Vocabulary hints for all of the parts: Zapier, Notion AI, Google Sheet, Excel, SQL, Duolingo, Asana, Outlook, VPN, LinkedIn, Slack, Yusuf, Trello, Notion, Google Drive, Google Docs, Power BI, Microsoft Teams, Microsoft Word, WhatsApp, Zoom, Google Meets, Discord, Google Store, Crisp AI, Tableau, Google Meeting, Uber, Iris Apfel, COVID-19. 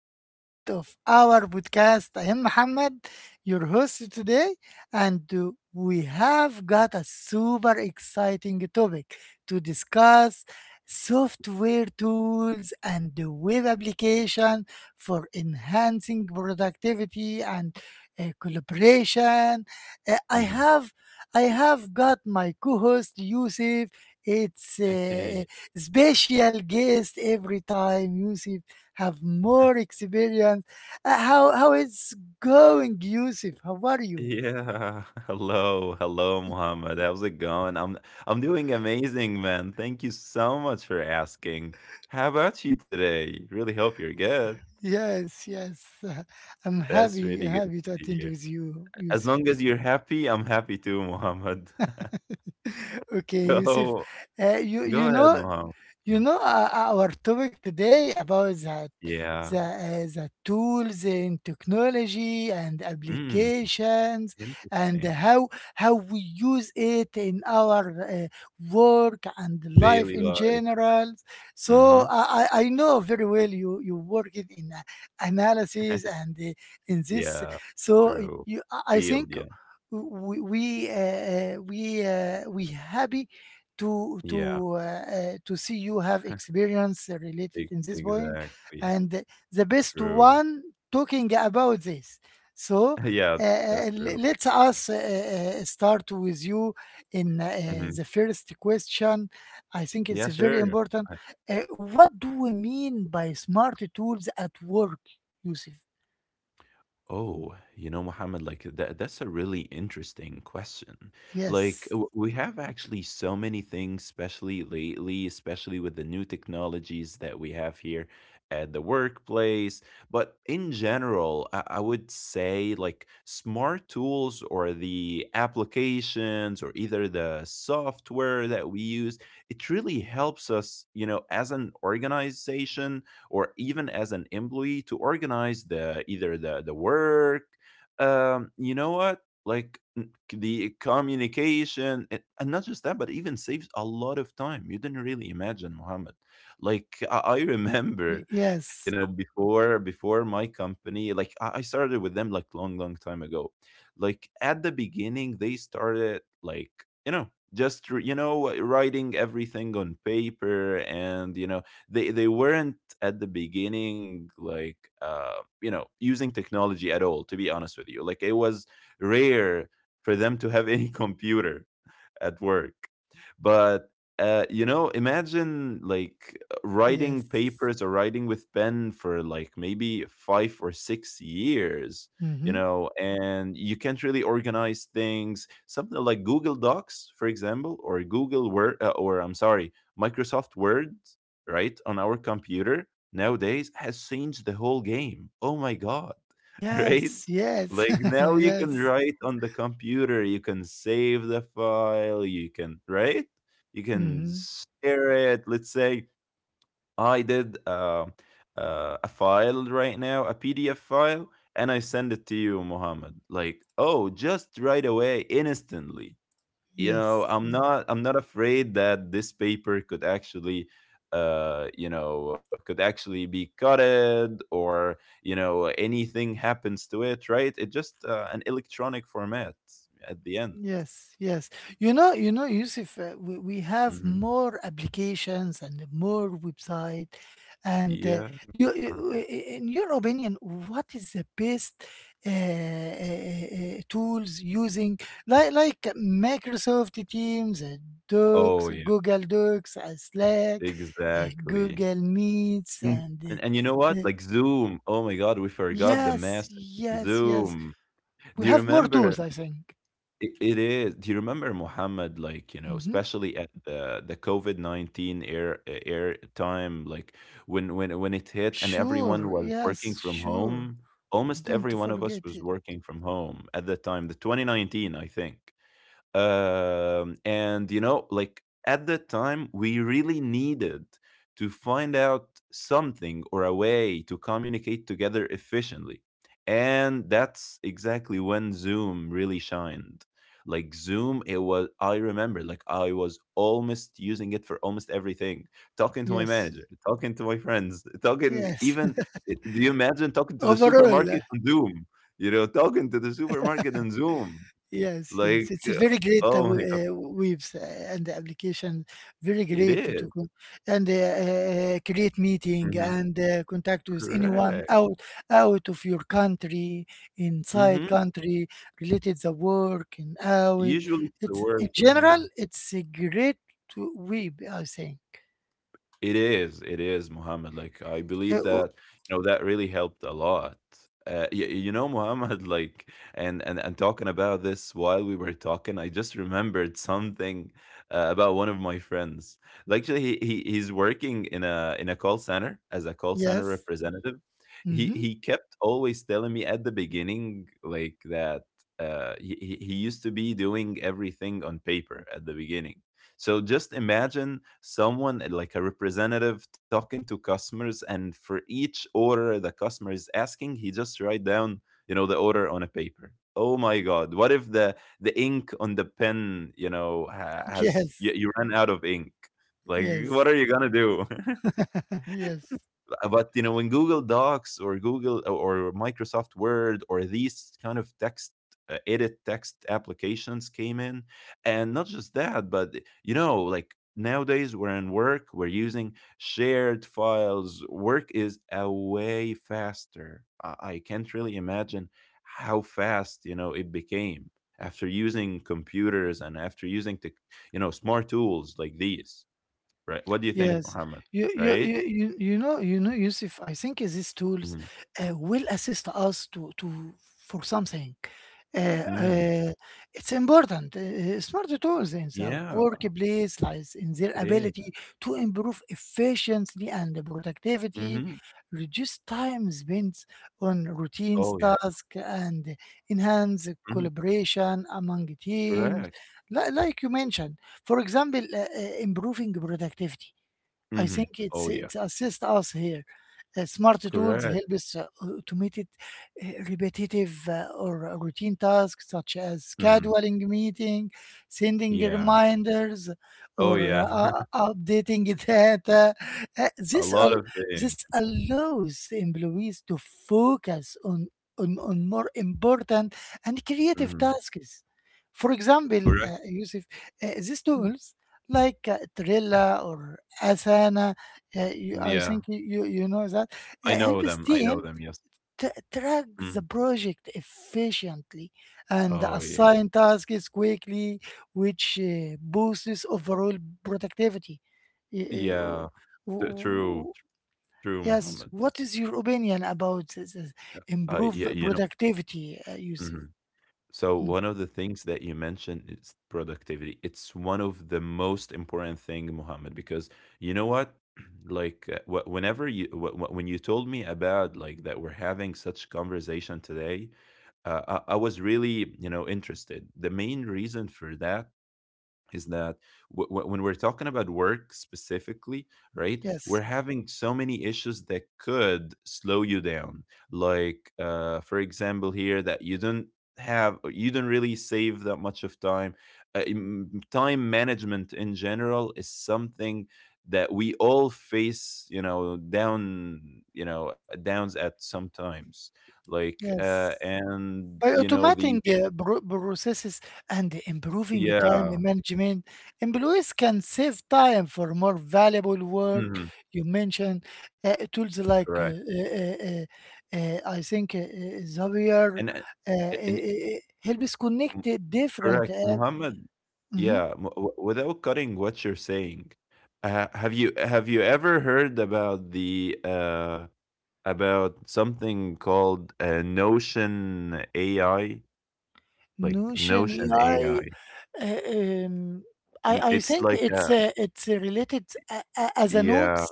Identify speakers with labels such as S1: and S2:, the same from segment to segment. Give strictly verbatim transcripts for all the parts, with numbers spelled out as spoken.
S1: episode of our podcast. I am Muhammad, your host today, and uh, we have got a super exciting topic to discuss software tools and the web application for enhancing productivity and uh, collaboration. Uh, I
S2: Mhm.
S1: have I have got my co-host Yusuf. It's
S2: Hey.
S1: uh, special guest every time. Yusuf have more experience. Uh, how how it's going, Yusuf? How are you?
S2: Yeah. Hello. Hello, Muhammad. How's it going? I'm I'm doing amazing, man. Thank you so much for asking. How about you today? Really hope you're good.
S1: Yes, yes. uh, I'm
S2: That's
S1: happy
S2: really good
S1: happy to
S2: to
S1: attend
S2: hear.
S1: with you,
S2: As
S1: Yusuf.
S2: long as you're happy, I'm happy too, Muhammad.
S1: Okay, Yusuf.
S2: So
S1: Uh, you
S2: go
S1: you
S2: ahead,
S1: know
S2: Muhammad.
S1: You know, uh, our topic today about the
S2: Yeah.
S1: the, uh, the tools in technology and
S2: Mm,
S1: applications and
S2: interesting.
S1: how how we use it in our uh, work and life
S2: Daily
S1: in
S2: life.
S1: general. So
S2: Hmm.
S1: I, I I know very well you you work in in, uh, analysis and uh, in this.
S2: Yeah.
S1: So
S2: True.
S1: you, I I
S2: Field.
S1: think
S2: Yeah.
S1: we we uh, uh, we uh, we happy to to
S2: Yeah.
S1: uh, uh, to see you have experience
S2: e-
S1: related in this point
S2: Exactly.
S1: and the best
S2: True.
S1: one talking about this, so
S2: Yeah,
S1: uh,
S2: that's
S1: uh, le-
S2: true.
S1: let us uh, uh, start with you in uh,
S2: Mhm.
S1: the first question. I think it's
S2: Yeah,
S1: very
S2: sure.
S1: important. uh, what do we mean by smart tools at work, Yusuf?
S2: Oh, you know, Mohammed, like that that's a really interesting question. Like
S1: Yes.
S2: w- we have actually so many things, especially lately, especially with the new technologies that we have here at the workplace. But in general, I, I would say like smart tools or the applications or either the software that we use, it really helps us, you know, as an organization or even as an employee to organize the either the the work, um you know what, like n- the communication, and and not just that but even saves a lot of time. You didn't really imagine, Mohammed, like I, I
S1: Y-
S2: remember, you
S1: yes
S2: know, before before my company, like I, I started with them like long long time ago. Like at the beginning they started like, you know, just r- you know, writing everything on paper. And you know, they they weren't at the beginning like uh you know, using technology at all, to be honest with you. Like it was rare for them to have any computer at work. But uh, you know, imagine like writing
S1: Yes.
S2: papers or writing with pen for like maybe five or six years, you
S1: Hmm.
S2: know, and you can't really organize things. Something like Google Docs, for example, or Google Word, uh, or I'm sorry, Microsoft Word, right, on our computer nowadays has changed the whole game. Oh my God, right?
S1: Yes. Yes.
S2: Like now you can
S1: Yes.
S2: write on the computer, you can save the file, you can write, you can
S1: Hmm.
S2: share it. Let's say I did uh, uh, a file right now, a P D F file, and I send it to you, Mohammed. Like, oh, just right away, instantly. You
S1: Yes,
S2: know, i'm
S1: yes,
S2: not i'm not afraid that this paper could actually uh you know, could actually be cutted, or you know, anything happens to it. Right, it's just uh, an electronic format at the end.
S1: yes, yes. You know, you know, Yusuf, uh, we, we have
S2: Hmm.
S1: more applications and more website. And uh,
S2: Yeah.
S1: you,
S2: Uh,
S1: you- i- i- in your opinion, what is the best uh, uh, uh, uh, tools using, like like Microsoft Teams, uh,
S2: oh
S1: Docs,
S2: yeah,
S1: Google Docs, uh, Slack, uh,
S2: exactly.
S1: Google Meets,
S2: And,
S1: and
S2: and and you know
S1: uh, uh,
S2: what, like Zoom, oh my god, we forgot the
S1: yes,
S2: massive
S1: yes, yes.
S2: Zoom.
S1: We
S2: Do you
S1: have more
S2: remember?
S1: tools, I think.
S2: It it is. Do you remember, Mohammed? Like, you know,
S1: Mm-hmm.
S2: especially at the the COVID nineteen air air time, like when when when it hit and
S1: Sure,
S2: everyone was working
S1: yes,
S2: from
S1: sure.
S2: home, almost
S1: Don't
S2: every one of us
S1: forget it.
S2: was working from home at that time, the twenty nineteen, I think. Um, and you know, like at that time, we really needed to find out something or a way to communicate together efficiently. And that's exactly when Zoom really shined. Like Zoom, it was, I remember, like I was almost using it for almost everything. Talking to my
S1: Yes,
S2: manager, talking to my friends, talking
S1: yes.
S2: even, eh, do you imagine talking to the
S1: Overall,
S2: supermarket
S1: uh,
S2: on Zoom? You know, talking to the supermarket on Zoom.
S1: yes,
S2: Like,
S1: yes. It's a
S2: uh
S1: very great uh,
S2: oh
S1: w-
S2: my god.
S1: uh, waves uh, and the application, very
S2: It
S1: great to
S2: is.
S1: co- and uh, uh, uh, create meeting
S2: Mhm.
S1: and uh, contact with anyone
S2: Correct.
S1: out out of your country, inside
S2: Mhm.
S1: country, related the work and out.
S2: Usually to
S1: It's in
S2: work, yeah.
S1: general, it's a great web, I think.
S2: It is, it is, Muhammad. Like I
S1: Uh,
S2: believe
S1: o-
S2: that, you know, that really helped a lot. Uh, you, you know, Muhammad. Like, and and and talking about this while we were talking, I just remembered something uh, about one of my friends. Like, actually, he, he he's working in a in a call center as a call center
S1: yes.
S2: representative. He
S1: Hmm.
S2: he kept always telling me at the beginning like that. Uh, he he he used to be doing everything on paper at the beginning. So just imagine someone, eh, like a representative talking to customers, and for each order the customer is asking, he just write down, you know, the order on a paper. Oh my God! What if the the ink on the pen, you know, ha- has, you,
S1: Yes.
S2: you run out of ink? Like, what
S1: Yes.
S2: are you gonna do?
S1: Yes.
S2: Uh, but you know, in Google Docs or Google uh, or Microsoft Word, or these kind of text uh, edit text applications came in. And not just that but, you know, like nowadays we're in work, we're using shared files. Work is a way faster. i, I can't really imagine how fast, you know, it became after using computers and after using the, you know, smart tools like these. Right, what do you think,
S1: Yes,
S2: Mohammed?
S1: you you
S2: Right.
S1: you you you know you know Yusuf. I think these tools
S2: Mhm.
S1: uh, will assist us to to for something. Uh,
S2: Mhm.
S1: uh, it's important. Uh, smart tools in the
S2: Yeah,
S1: workplace lies in their
S2: it is.
S1: ability to improve efficiency and productivity,
S2: Mhm.
S1: reduce time spent on routine
S2: Oh, yeah.
S1: tasks, and enhance
S2: Mhm.
S1: collaboration among teams.
S2: Correct.
S1: Li- Like you mentioned, for example, uh, uh, improving productivity, I
S2: Mhm.
S1: think it's
S2: Oh, yeah.
S1: it's assist us here. Uh, smart tools
S2: Correct.
S1: help us uh, automated uh, repetitive uh, or routine tasks such as
S2: Mhm.
S1: scheduling meeting, sending
S2: Yeah.
S1: reminders,
S2: Oh,
S1: or
S2: yeah.
S1: uh, updating data. Uh,
S2: A
S1: this
S2: lot
S1: al-
S2: of things.
S1: this allows employees to focus on, on on more important and creative
S2: Mhm.
S1: tasks. For example,
S2: Correct.
S1: uh, Yusuf, uh, these
S2: Mm.
S1: tools like uh, Trilla or Asana. Uh, you, I
S2: Yeah.
S1: think you, you, you know that.
S2: I
S1: Uh,
S2: know
S1: helps
S2: them. I know
S1: team
S2: them. Yes.
S1: t- track the
S2: Mm.
S1: project efficiently and
S2: Oh, yeah.
S1: assign tasks quickly, which uh, boosts overall productivity. Y- uh, w-
S2: Yeah. T true.
S1: w-
S2: True,
S1: Yes,
S2: Muhammad.
S1: what is your opinion about this?
S2: I yeah,
S1: Improve
S2: you know.
S1: productivity, uh, Yusuf?
S2: Mhm. So
S1: Mm,
S2: one of the things that you mentioned is productivity. It's one of the most important thing, Muhammad, because you know what? Like uh, wh- whenever you wh- wh- when you told me about like that we're having such conversation today, uh, I-, I was really, you know, interested. The main reason for that is that w- w- when we're talking about work specifically, right, we're
S1: yes,
S2: having so many issues that could slow you down. Like, uh, for example, here that you don't have, you don't really save that much of time. Uh, im- time management in general is something that we all face, you know, down, you know, downs at sometimes. Like, uh,
S1: yes.
S2: and
S1: By
S2: you know the,
S1: automating
S2: the
S1: uh, pro- processes and improving time
S2: yeah,
S1: management, employees can save time for more valuable work.
S2: mhm,
S1: You mentioned uh, tools like, uh,
S2: correct,
S1: uh, uh, uh, I think, uh, uh,
S2: and.
S1: Zapier
S2: Uh,
S1: uh, uh,
S2: a- and
S1: uh, helps
S2: M
S1: connect uh, different
S2: correct.
S1: apps.
S2: Muhammad, yeah, m- w without cutting what you're saying, uh, have you have you ever heard about the uh, about something called uh, Notion A I? Like
S1: Notion
S2: Notion A I.
S1: A I, uh, um, I I
S2: It's
S1: think
S2: like
S1: it's
S2: a
S1: uh, it's uh, related a- a- as a
S2: yeah.
S1: notes,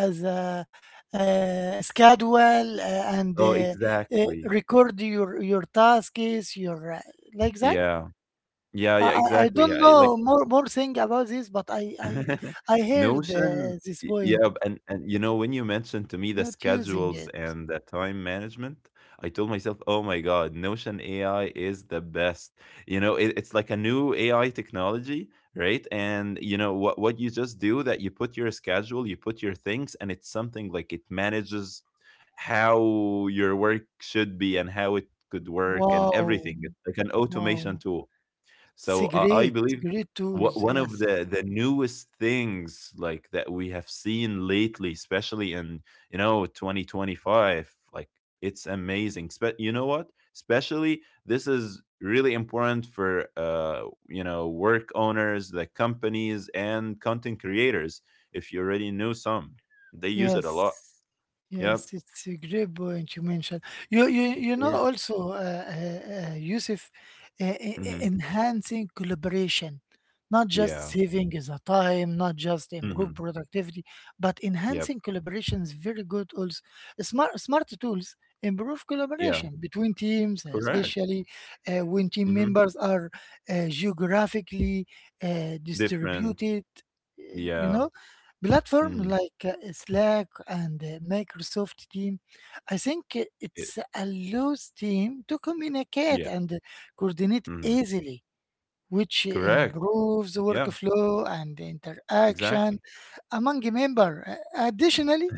S1: as a uh, schedule, uh, and
S2: Oh,
S1: uh, uh,
S2: exactly.
S1: record your your tasks, your uh, like that.
S2: Yeah. Yeah,
S1: I
S2: yeah,
S1: I I
S2: exactly.
S1: don't
S2: Yeah, like
S1: know more more thing about this, but I I I heard uh,
S2: Notion,
S1: this
S2: y
S1: point,
S2: yeah, and and, you know, when you mentioned to me the
S1: not using
S2: schedules
S1: it.
S2: and the time management, I told myself, "Oh my god, Notion A I is the best." You know, it it's like a new A I technology, right? And, you know, what what you just do, that you put your schedule, you put your things, and it's something like it manages how your work should be and how it could work and
S1: Wow,
S2: everything. It's like an automation
S1: wow,
S2: tool.
S1: it's
S2: So
S1: a
S2: I I
S1: great
S2: believe
S1: great
S2: wha-
S1: tools.
S2: one of
S1: Yes.
S2: the the newest things like that we have seen lately, especially in, you know, twenty twenty-five, like it's amazing. Spe- you know what? Especially this is really important for, uh you know, work owners, the companies, and content creators. If you already know some, they use it a lot.
S1: Yes,
S2: Yep.
S1: yes, it's a great point you mentioned. You, you, you know,
S2: Yeah.
S1: also, uh, uh, uh, Yusuf, uh, e- e-
S2: Hmm.
S1: enhancing collaboration, not just
S2: Yeah.
S1: saving the time, not just improve
S2: Hmm.
S1: productivity, but
S2: Yep.
S1: enhancing collaboration is very good. Also, smart smart tools improve
S2: Yeah.
S1: collaboration between teams,
S2: Correct.
S1: especially uh, when team
S2: Hmm.
S1: members are uh, geographically uh,
S2: Different.
S1: distributed. uh, You
S2: Yeah.
S1: know platform
S2: Hmm.
S1: like uh, Slack and uh, Microsoft Team, I think uh, it's allows team to communicate
S2: Yeah,
S1: and uh, coordinate
S2: mhm,
S1: easily, which
S2: correct,
S1: improves the
S2: yeah,
S1: workflow and interaction
S2: exactly.
S1: among a member. Uh, Additionally,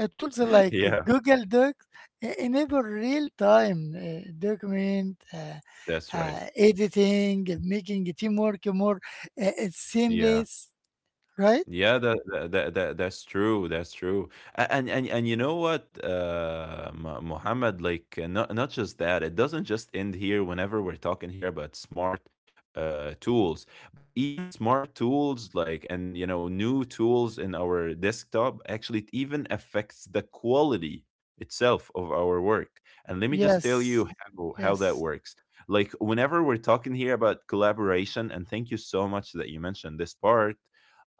S1: uh, tools like
S2: Yeah,
S1: Google Docs uh, enable real-time uh, document uh,
S2: that's right,
S1: uh, editing, making teamwork more uh, uh,
S2: yeah.
S1: seamless, right?
S2: Yeah, that, that that that- that's true. That's true. A- And and and you know what, uh, Mu- Muhammad, like uh, not not just that. It doesn't just end here. Whenever we're talking here about smart uh, tools, but even smart tools like, and you know, new tools in our desktop actually, it even affects the quality itself of our work. And let me just tell
S1: Yes,
S2: you how how that
S1: yes,
S2: works. Like whenever we're talking here about collaboration, and thank you so much that you mentioned this part,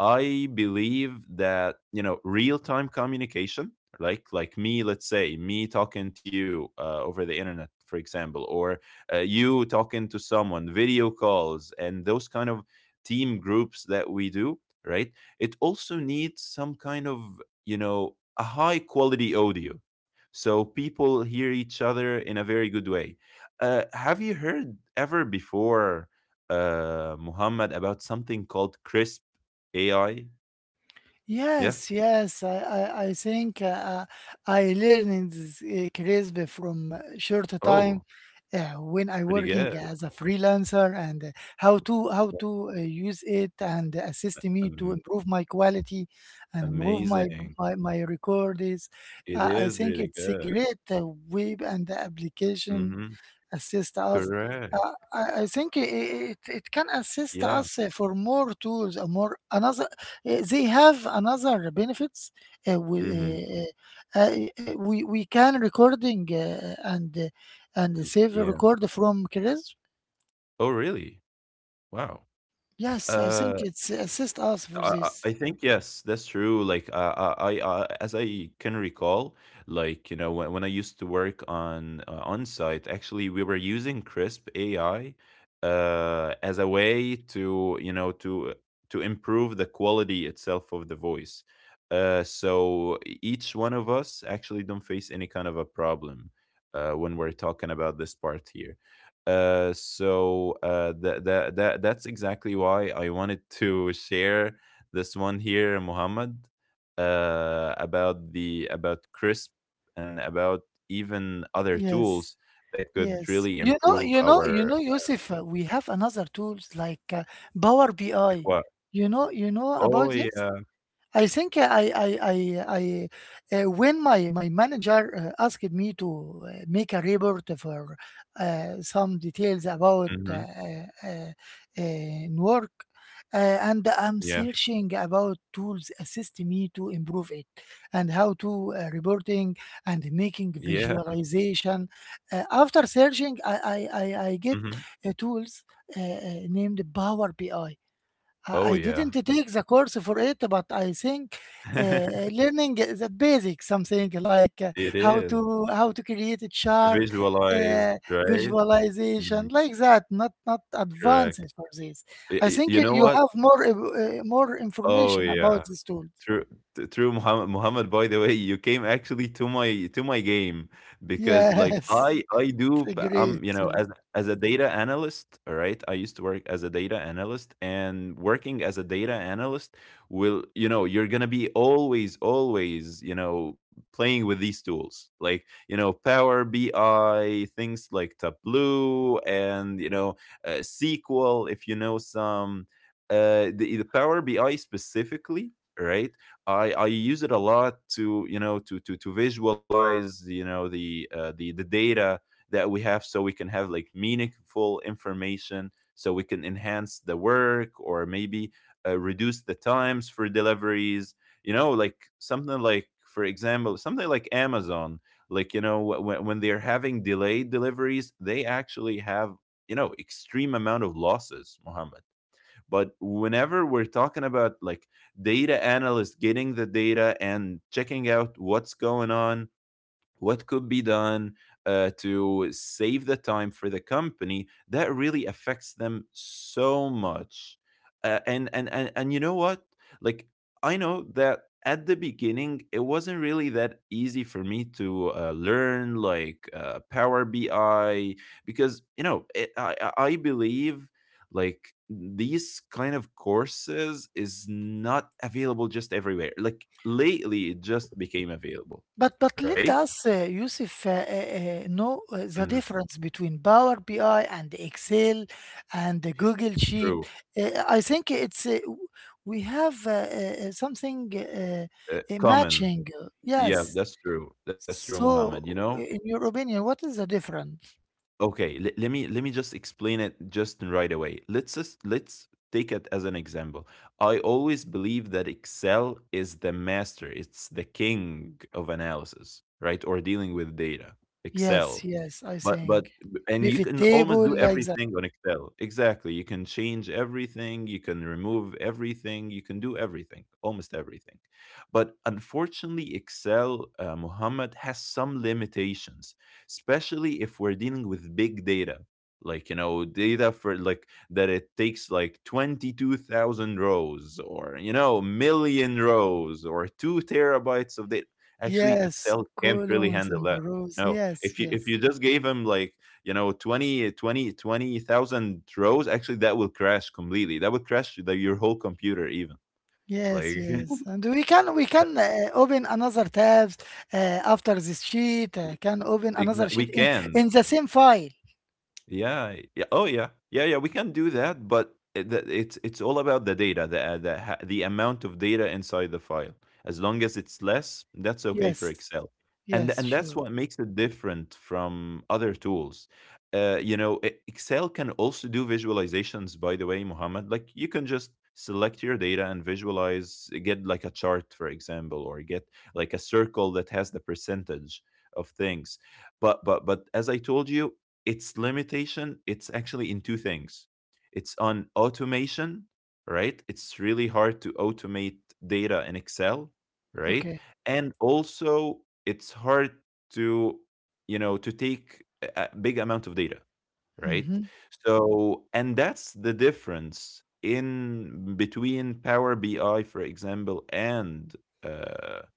S2: I believe that you know real-time communication, like like me, let's say me talking to you uh, over the internet, for example, or uh, you talking to someone, video calls, and those kind of team groups that we do, right? It also needs some kind of, you know, a high-quality audio, so people hear each other in a very good way. Uh, have you heard ever before? uh, Muhammad, about something called Crisp A I? Yeah?
S1: yes, yes. I, I, I think uh, uh, I learned this uh, crisp from uh, short time
S2: Oh,
S1: uh, when I
S2: pretty
S1: working
S2: good.
S1: as a freelancer and uh, how to how
S2: Yeah.
S1: to uh, use it and assist me to
S2: Am
S1: improve my quality and improve my
S2: amazing.
S1: my, my records.
S2: It
S1: Uh, I
S2: is
S1: think
S2: really
S1: it's a
S2: good.
S1: great uh, web and application
S2: Mhm.
S1: assist us.
S2: Correct.
S1: Uh, I, I think i- i- it, it can assist
S2: Yeah.
S1: us uh, for more tools, uh, more another. Uh, they have another benefits. Uh,
S2: Mhm.
S1: we, uh, uh, uh, uh, we we can recording uh, and uh, and save a
S2: Yeah.
S1: record from Chris.
S2: Oh, really? Wow.
S1: Yes, I
S2: Uh,
S1: think it's assist us for
S2: I
S1: this.
S2: I I think yes, that's true. Like uh, I I, uh, as I can recall, like you know, when, when I used to work on, uh, on site, actually we were using Crisp A I uh, as a way to, you know, to to improve the quality itself of the voice. Uh, so e- each one of us actually don't face any kind of a problem uh, when we're talking about this part here. Uh, so uh, that that that that's exactly why I wanted to share this one here, Muhammad, uh, about the about C R I S P and about even other
S1: Yes,
S2: tools that could
S1: yes.
S2: really
S1: You know,
S2: improve
S1: you know, you
S2: our,
S1: know, Yusuf. uh, We have another tools like uh, Power
S2: like
S1: B I.
S2: what?
S1: You know, you know about
S2: Oh
S1: this.
S2: yeah,
S1: I think uh, I I I, I uh, when my my manager uh, asked me to uh, make a report for uh, some details about uh,
S2: hmm
S1: uh, uh, work, uh, and I'm
S2: yeah,
S1: searching about tools assist me to improve it, and how to uh, reporting and making
S2: yeah.
S1: visualization. Uh, after searching, I I I, I get
S2: Hmm.
S1: uh, tools uh, uh, named Power B I. I
S2: Oh
S1: I
S2: yeah,
S1: didn't take the course for it, but I think uh, learning the basic, something like uh,
S2: it
S1: how
S2: is
S1: to how to create a chart,
S2: visualized,
S1: uh,
S2: right?
S1: visualization
S2: Mm,
S1: like that. Not not
S2: correct.
S1: advanced for this.
S2: Y-
S1: I
S2: y-
S1: think
S2: you know
S1: you
S2: what?
S1: have more uh, uh, more
S2: Oh
S1: information about
S2: yeah.
S1: this tool.
S2: True, t- true, Muhammad. Muhammad, by the way, you came actually to my to my game because, like,
S1: Yes,
S2: I I do p- um
S1: great.
S2: you know as as a data analyst, all right. I used to work as a data analyst, and working as a data analyst will, you know, you're gonna be always always, you know, playing with these tools like, you know, Power B I, things like Tableau, and you know uh, S Q L if you know some. uh the, the Power B I specifically, right? I i use it a lot to, you know, to to to visualize, you know, the uh, the the data that we have, so we can have like meaningful information, so we can enhance the work, or maybe uh, reduce the times for deliveries. You know, like something like, for example, something like Amazon. Like, you know, when, when they're having delayed deliveries, they actually have, you know, extreme amount of losses, Mohammed. But whenever we're talking about like data analysts getting the data and checking out what's going on, what could be done uh, to save the time for the company, that really affects them so much. Uh, and, and and and you know what, like, I know that at the beginning it wasn't really that easy for me to uh, learn like uh, Power BI, because, you know it, i i I believe like these kind of courses is not available just everywhere. Like, lately it just became available,
S1: But but
S2: right?
S1: let us, uh, Yusuf, uh, uh, uh, know uh, the
S2: Mhm,
S1: difference between Power B I and Excel and the Google Sheet.
S2: true.
S1: Uh, I think it's uh, w- we have uh, uh, uh, something uh,
S2: Uh,
S1: uh,
S2: common.
S1: matching. uh,
S2: Yeah,
S1: Yes.
S2: that's true. That's true, Muhammad. You
S1: So,
S2: know?
S1: uh, in your opinion, what is the difference?
S2: Okay, le- let me let me just explain it just right away. Let's just, let's take it as an example. I always believe that Excel is the master, it's the king of analysis, right? Or dealing with data.
S1: Yes,
S2: Excel.
S1: yes, I
S2: But
S1: think
S2: but and you
S1: pivot
S2: can almost
S1: table
S2: do
S1: like that.
S2: everything on Excel. Exactly. You can change everything, you can remove everything, you can do everything, almost everything. But unfortunately, Excel, uh, Muhammad, has some limitations, especially if we're dealing with big data. Like, you know, data for like that it takes like twenty-two thousand rows or, you know, million rows or two terabytes of data. Actually,
S1: Yes,
S2: Excel can't really
S1: columns
S2: handle
S1: and
S2: that.
S1: rows.
S2: No, if
S1: Yes,
S2: you if
S1: yes.
S2: you just gave him like, you know, twenty twenty twenty thousand rows, actually that will crash completely, that would crash the, your whole computer even.
S1: Yes,
S2: Like
S1: yes. And we can we can uh, open another tabs uh, after this sheet, uh, can open
S2: exactly
S1: another
S2: we
S1: sheet in
S2: can.
S1: in the same file.
S2: Yeah, yeah. Oh, yeah, yeah, yeah. We can do that, but it, the- it's it's all about the data, the uh, the ha- the amount of data inside the file. As long as it's less, that's okay for
S1: Yes.
S2: Excel, and
S1: Yes,
S2: and
S1: sure.
S2: that's what makes it different from other tools. Uh, you know, e- Excel can also do visualizations. By the way, Mohammed, like you can just select your data and visualize, get like a chart, for example, or get like a circle that has the percentage of things. but but but as I told you, its limitation, it's actually in two things. It's on automation, right? It's really hard to automate data in Excel, right?
S1: Okay.
S2: And also, it's hard to, you know, to take a a big amount of data, right?
S1: Mm-hmm.
S2: So, and that's the difference in between Power B I, for example, and uh,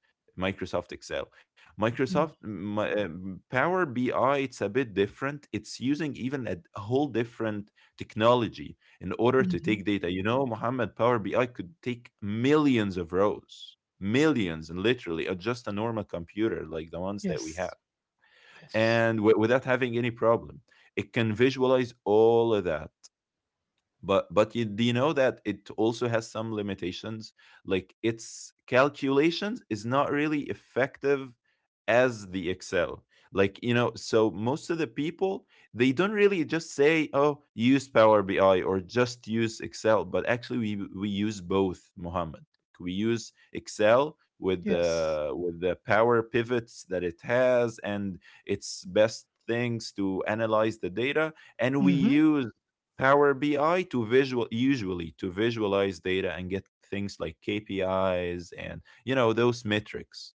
S2: Microsoft Excel. Microsoft
S1: Mm-hmm.
S2: my, um, Power B I, it's a bit different. It's using even a d- whole different technology in order to
S1: Mm-hmm.
S2: take data. You know, Mohammed, Power B I could take millions of rows, millions, and literally, uh, just a normal computer like the ones that we
S1: Yes.
S2: have,
S1: Yes.
S2: and w- without having any problem. It can visualize all of that. but but you, do you know that it also has some limitations? Like, its calculations is not really effective as the Excel. Like, you know, so most of the people, they don't really just say oh use Power BI or just use Excel, but actually we we use both, Mohammed. We use Excel with
S1: Yes.
S2: the with the power pivots that it has and its best things to analyze the data, and we
S1: Mm-hmm.
S2: use Power B I to visual, usually to visualize data and get things like K P Is and, you know, those metrics.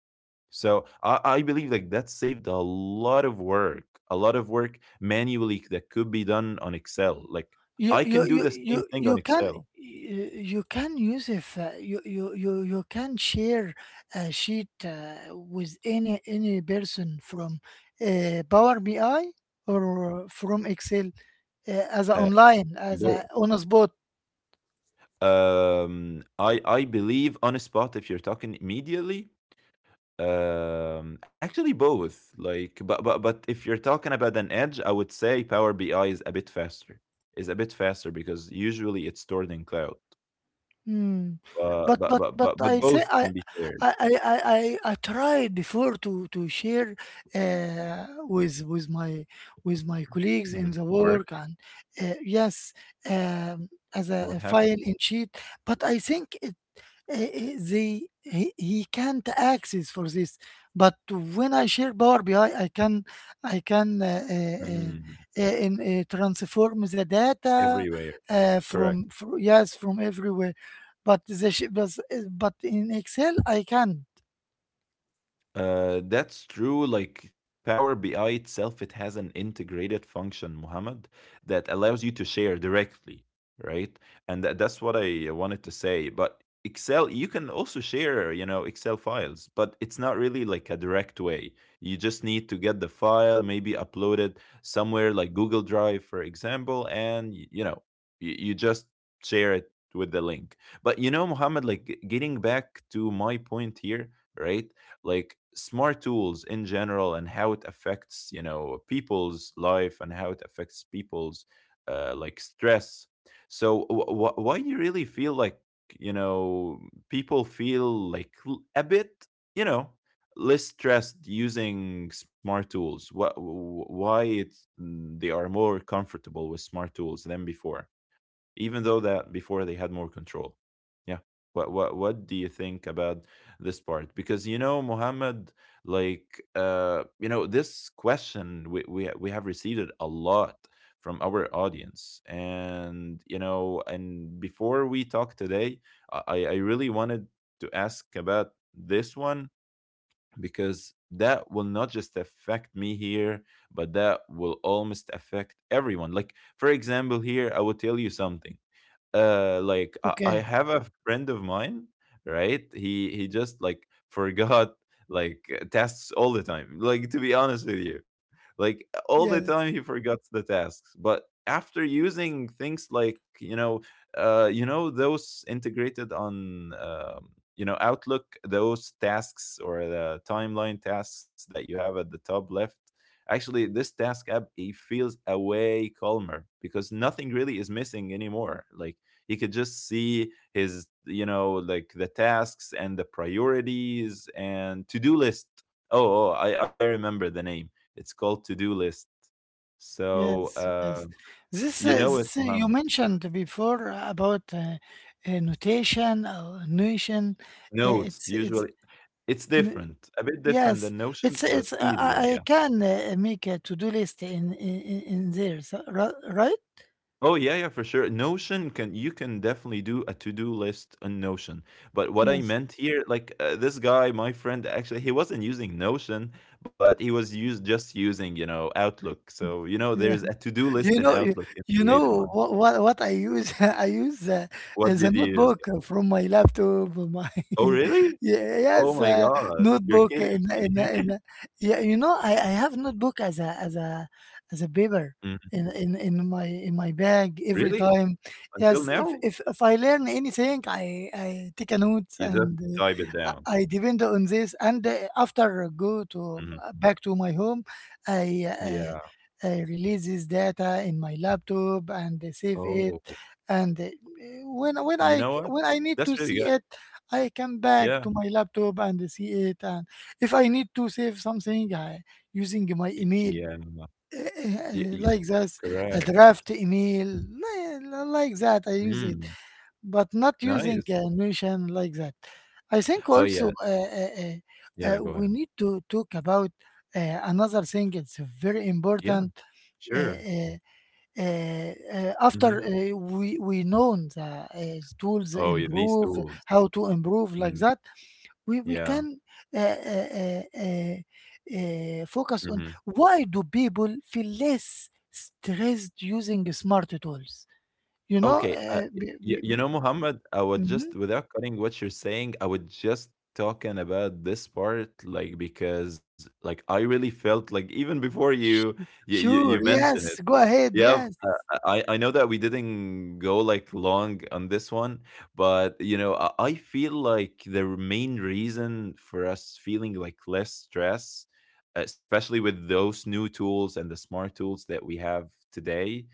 S2: So I, I believe like that saved a lot of work, a lot of work manually that could be done on Excel. Like,
S1: you
S2: I
S1: you
S2: can do
S1: you
S2: the same
S1: you
S2: thing
S1: you
S2: on
S1: can
S2: Excel.
S1: you, you can use if uh, you, you you you can share a sheet uh, with any any person from uh, Power B I or from Excel uh, as a
S2: Uh,
S1: online
S2: in
S1: as
S2: Go.
S1: a on a spot.
S2: Um, I I believe on a spot if you're talking immediately. Um, actually, both. Like, but but but if you're talking about an edge, I would say Power B I is a bit faster. Is a bit faster because usually it's stored in cloud.
S1: Hmm.
S2: But
S1: But
S2: but
S1: but
S2: but
S1: but
S2: but, but
S1: I say
S2: both
S1: I
S2: can be shared.
S1: I I I I I try before to to share uh, with with my with my colleagues in
S2: Mhm.
S1: the
S2: Work.
S1: work and uh, yes, um, as a, a
S2: What happened?
S1: file in sheet. But I think eh, eh, they he, he can't access for this but when I share Power BI i I can i can uh, uh, uh,
S2: Mm,
S1: uh, in, uh, transform the data
S2: everywhere.
S1: uh,
S2: Correct.
S1: from, from yes from everywhere but the sh- but, but in Excel I can not.
S2: Uh, that's true. Like Power B I itself, it has an integrated function, Muhammad, that allows you to share directly, right? And that, that's what I wanted to say. But Excel, you can also share, you know, Excel files, but it's not really like a direct way. You just need to get the file, maybe upload it somewhere like Google Drive, for example, and, y- you know, you, you just share it with the link. But, you know, Muhammad, like, g- getting back to my point here, right? Like smart tools in general and how it affects, you know, people's life, and how it affects people's uh, like stress. So, wh- wh- why do you really feel like, you know, people feel like l- a bit, you know, less stressed using smart tools? What, why it's, mm, they are more comfortable with smart tools than before, even though that before they had more control? Yeah. What what what do you think about this part? Because, you know, Muhammad, like uh, you know, this question we we we have received it a lot from our audience, and you know, and before we talk today, I I really wanted to ask about this one, because that will not just affect me here, but that will almost affect everyone. Like, for example, here I will tell you something. Uh like, I, I
S1: Okay.
S2: have a friend of mine, right? he he just like forgot, like, uh, tasks all the time. Like, to be honest with you, like all the time he
S1: Yes.
S2: forgot the tasks, but after using things like, you know, uh you know those integrated on um you know Outlook, those tasks or the timeline tasks that you have at the top left, actually this task app, it feels a way calmer because nothing really is missing anymore. Like, he could just see his, you know, like the tasks and the priorities and to-do list. Oh, oh, I, I remember the name, it's called to-do list. So
S1: Yes.
S2: uh,
S1: Yes, this uh,
S2: you know it,
S1: this uh, you
S2: Muhammad,
S1: mentioned before about uh, uh, notation or notion, uh,
S2: notes
S1: it's it's
S2: usually. It's different, a bit different
S1: yes,
S2: than Notion,
S1: it's
S2: but
S1: it's uh,
S2: easier.
S1: I I can uh, make a to-do list in in, in in there, so, ri- right?
S2: Oh yeah, yeah, for sure. Notion, can, you can definitely do a to-do list on Notion. But what I
S1: Yes.
S2: meant here, like uh, this guy, my friend, actually he wasn't using Notion, but he was used just using, you know, Outlook. So, you know, there's a to-do list in
S1: You know, you,
S2: Outlook,
S1: you
S2: integrated
S1: know
S2: one.
S1: what, what what I use? I use uh,
S2: What
S1: is a
S2: did you use?
S1: notebook
S2: Yeah.
S1: from my laptop. My
S2: Oh,
S1: yeah,
S2: really? Oh
S1: yes,
S2: my
S1: uh,
S2: God. You're
S1: notebook
S2: kidding
S1: in
S2: me.
S1: in in yeah. You know, I, I have notebook as a as a as a paper
S2: Mhm.
S1: in, in in my in my bag every
S2: Really?
S1: time.
S2: Until
S1: Yes, if
S2: now?
S1: if if I learn anything, I I take a note
S2: You just
S1: and
S2: type it
S1: uh,
S2: down.
S1: I I depend on this. And uh, after I go to
S2: Mhm.
S1: uh, back to my home, I. Uh,
S2: Yeah.
S1: uh, releases data in my laptop and uh, save it
S2: Oh.
S1: and uh, when when
S2: You
S1: i
S2: know
S1: c-
S2: what?
S1: when I need to
S2: That's really
S1: see
S2: good.
S1: it I come back
S2: Yeah.
S1: to my laptop and see it, and if I need to save something I, using my
S2: Y-
S1: email
S2: Yeah. Y- y-
S1: like this, a
S2: Correct.
S1: draft email li- li- like that I use it
S2: Mm,
S1: but not using
S2: nice.
S1: a notion like that. I think
S2: Oh,
S1: also
S2: yeah.
S1: uh, uh, uh,
S2: Yeah,
S1: uh,
S2: go
S1: we
S2: ahead.
S1: need to talk about uh, another thing, it's very
S2: Yeah,
S1: important. uh,
S2: sure.
S1: uh, uh, uh, After
S2: Mhm.
S1: uh, we we know the uh, tools
S2: Oh, yeah, these
S1: improve
S2: tools.
S1: how to improve like
S2: Mm,
S1: that, we we
S2: yeah.
S1: can uh, uh, uh, uh, uh, focus on
S2: Mhm.
S1: why do people feel less stressed using smart tools. You know
S2: Okay, uh,
S1: uh, be, be,
S2: y you
S1: be,
S2: know, Muhammad, I would
S1: mhm.
S2: just without cutting what you're saying, I would just talking about this part, like, because, like, I really felt like even before
S1: Sh-
S2: you you you you
S1: sure,
S2: mentioned
S1: yes,
S2: it.
S1: go ahead,
S2: Yeah,
S1: yes.
S2: uh, I I know that we didn't go like long on this one, but you know I I feel like the main reason for us feeling like less stress, especially with those new tools and the smart tools that we have today,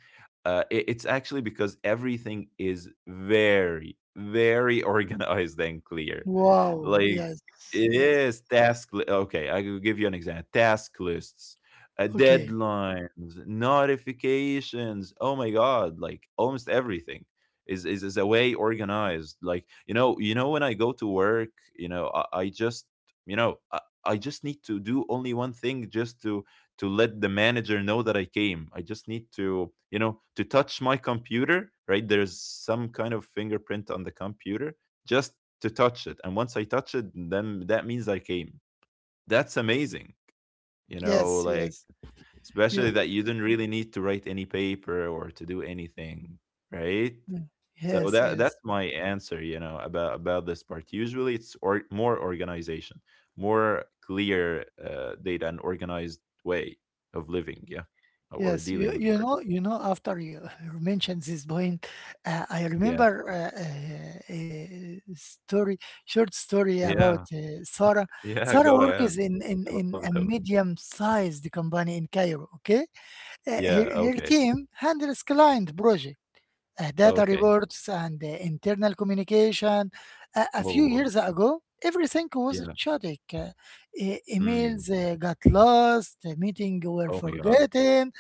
S2: uh, it, it's actually because everything is very very organized and clear.
S1: Wow,
S2: Like,
S1: yes,
S2: it
S1: yes.
S2: is task. Li- okay, I will give you an example. Task lists, uh,
S1: Okay.
S2: deadlines, notifications. Oh my god, like almost everything is is is a way organized. Like, you know, you know when I go to work, you know, I, I just, you know I, I just need to do only one thing, just to to let the manager know that I came. I just need to, you know, to touch my computer. Right, there's some kind of fingerprint on the computer just to touch it, and once I touch it, then that means I came. That's amazing. You know,
S1: Yes,
S2: like,
S1: yes. You.
S2: especially that you don't really need to write any paper or to do anything, right?
S1: Mm,
S2: So
S1: yes,
S2: that
S1: yes.
S2: that's my answer, you know, about about this part. Usually it's or more organization, more clear uh, data and organized way of living, yeah, or
S1: Yes,
S2: dealing
S1: you,
S2: with
S1: you
S2: work.
S1: know, you know, after you mentioned this point, uh, I
S2: Yeah.
S1: remember uh, uh, a story, short story about
S2: Yeah.
S1: uh, Sarah.
S2: Yeah,
S1: Sarah
S2: go ahead.
S1: works in, in,
S2: I love
S1: in a
S2: those.
S1: medium-sized company in Cairo, okay? Uh,
S2: Yeah,
S1: her, her
S2: okay.
S1: team handles client projects, uh, data
S2: Okay.
S1: reports, and uh, internal communication. Uh, a few
S2: Oh.
S1: years ago, everything was
S2: Yeah.
S1: chaotic. Uh, e- emails
S2: Mm.
S1: uh, got lost, meetings were
S2: Oh my god.
S1: forgotten,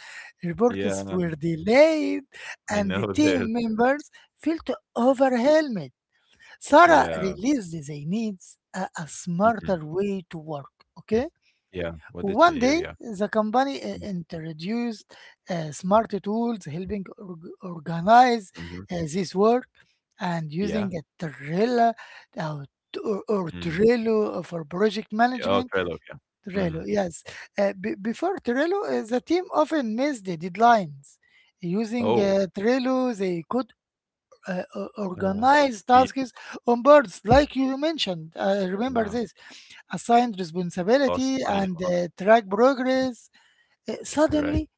S2: Yeah,
S1: reports were delayed,
S2: I
S1: and the
S2: know. This.
S1: team members felt overwhelmed. Sarah
S2: Yeah.
S1: realized they needs a, a
S2: Mhm.
S1: smarter way to work. Okay.
S2: Yeah, what did you
S1: One
S2: hear?
S1: day,
S2: Yeah.
S1: the company uh, introduced uh, smart tools helping org- organize
S2: Mhm.
S1: uh, this work and
S2: Yeah.
S1: using a Trello uh, t- or, or
S2: Mm.
S1: Trello for project
S2: Yeah. Oh,
S1: management.
S2: Trailog, yeah.
S1: Trello,
S2: Mhm.
S1: yes. Uh, be- before Trello, uh, the team often missed the deadlines. Using
S2: Oh,
S1: uh, Trello, they could uh, o-
S2: uh,
S1: organize
S2: the,
S1: tasks on boards, like you mentioned. Uh, remember
S2: um,
S1: this, assigned
S2: lost
S1: responsibility
S2: money
S1: and
S2: lot,
S1: uh, track progress. Uh,
S2: correct.
S1: suddenly,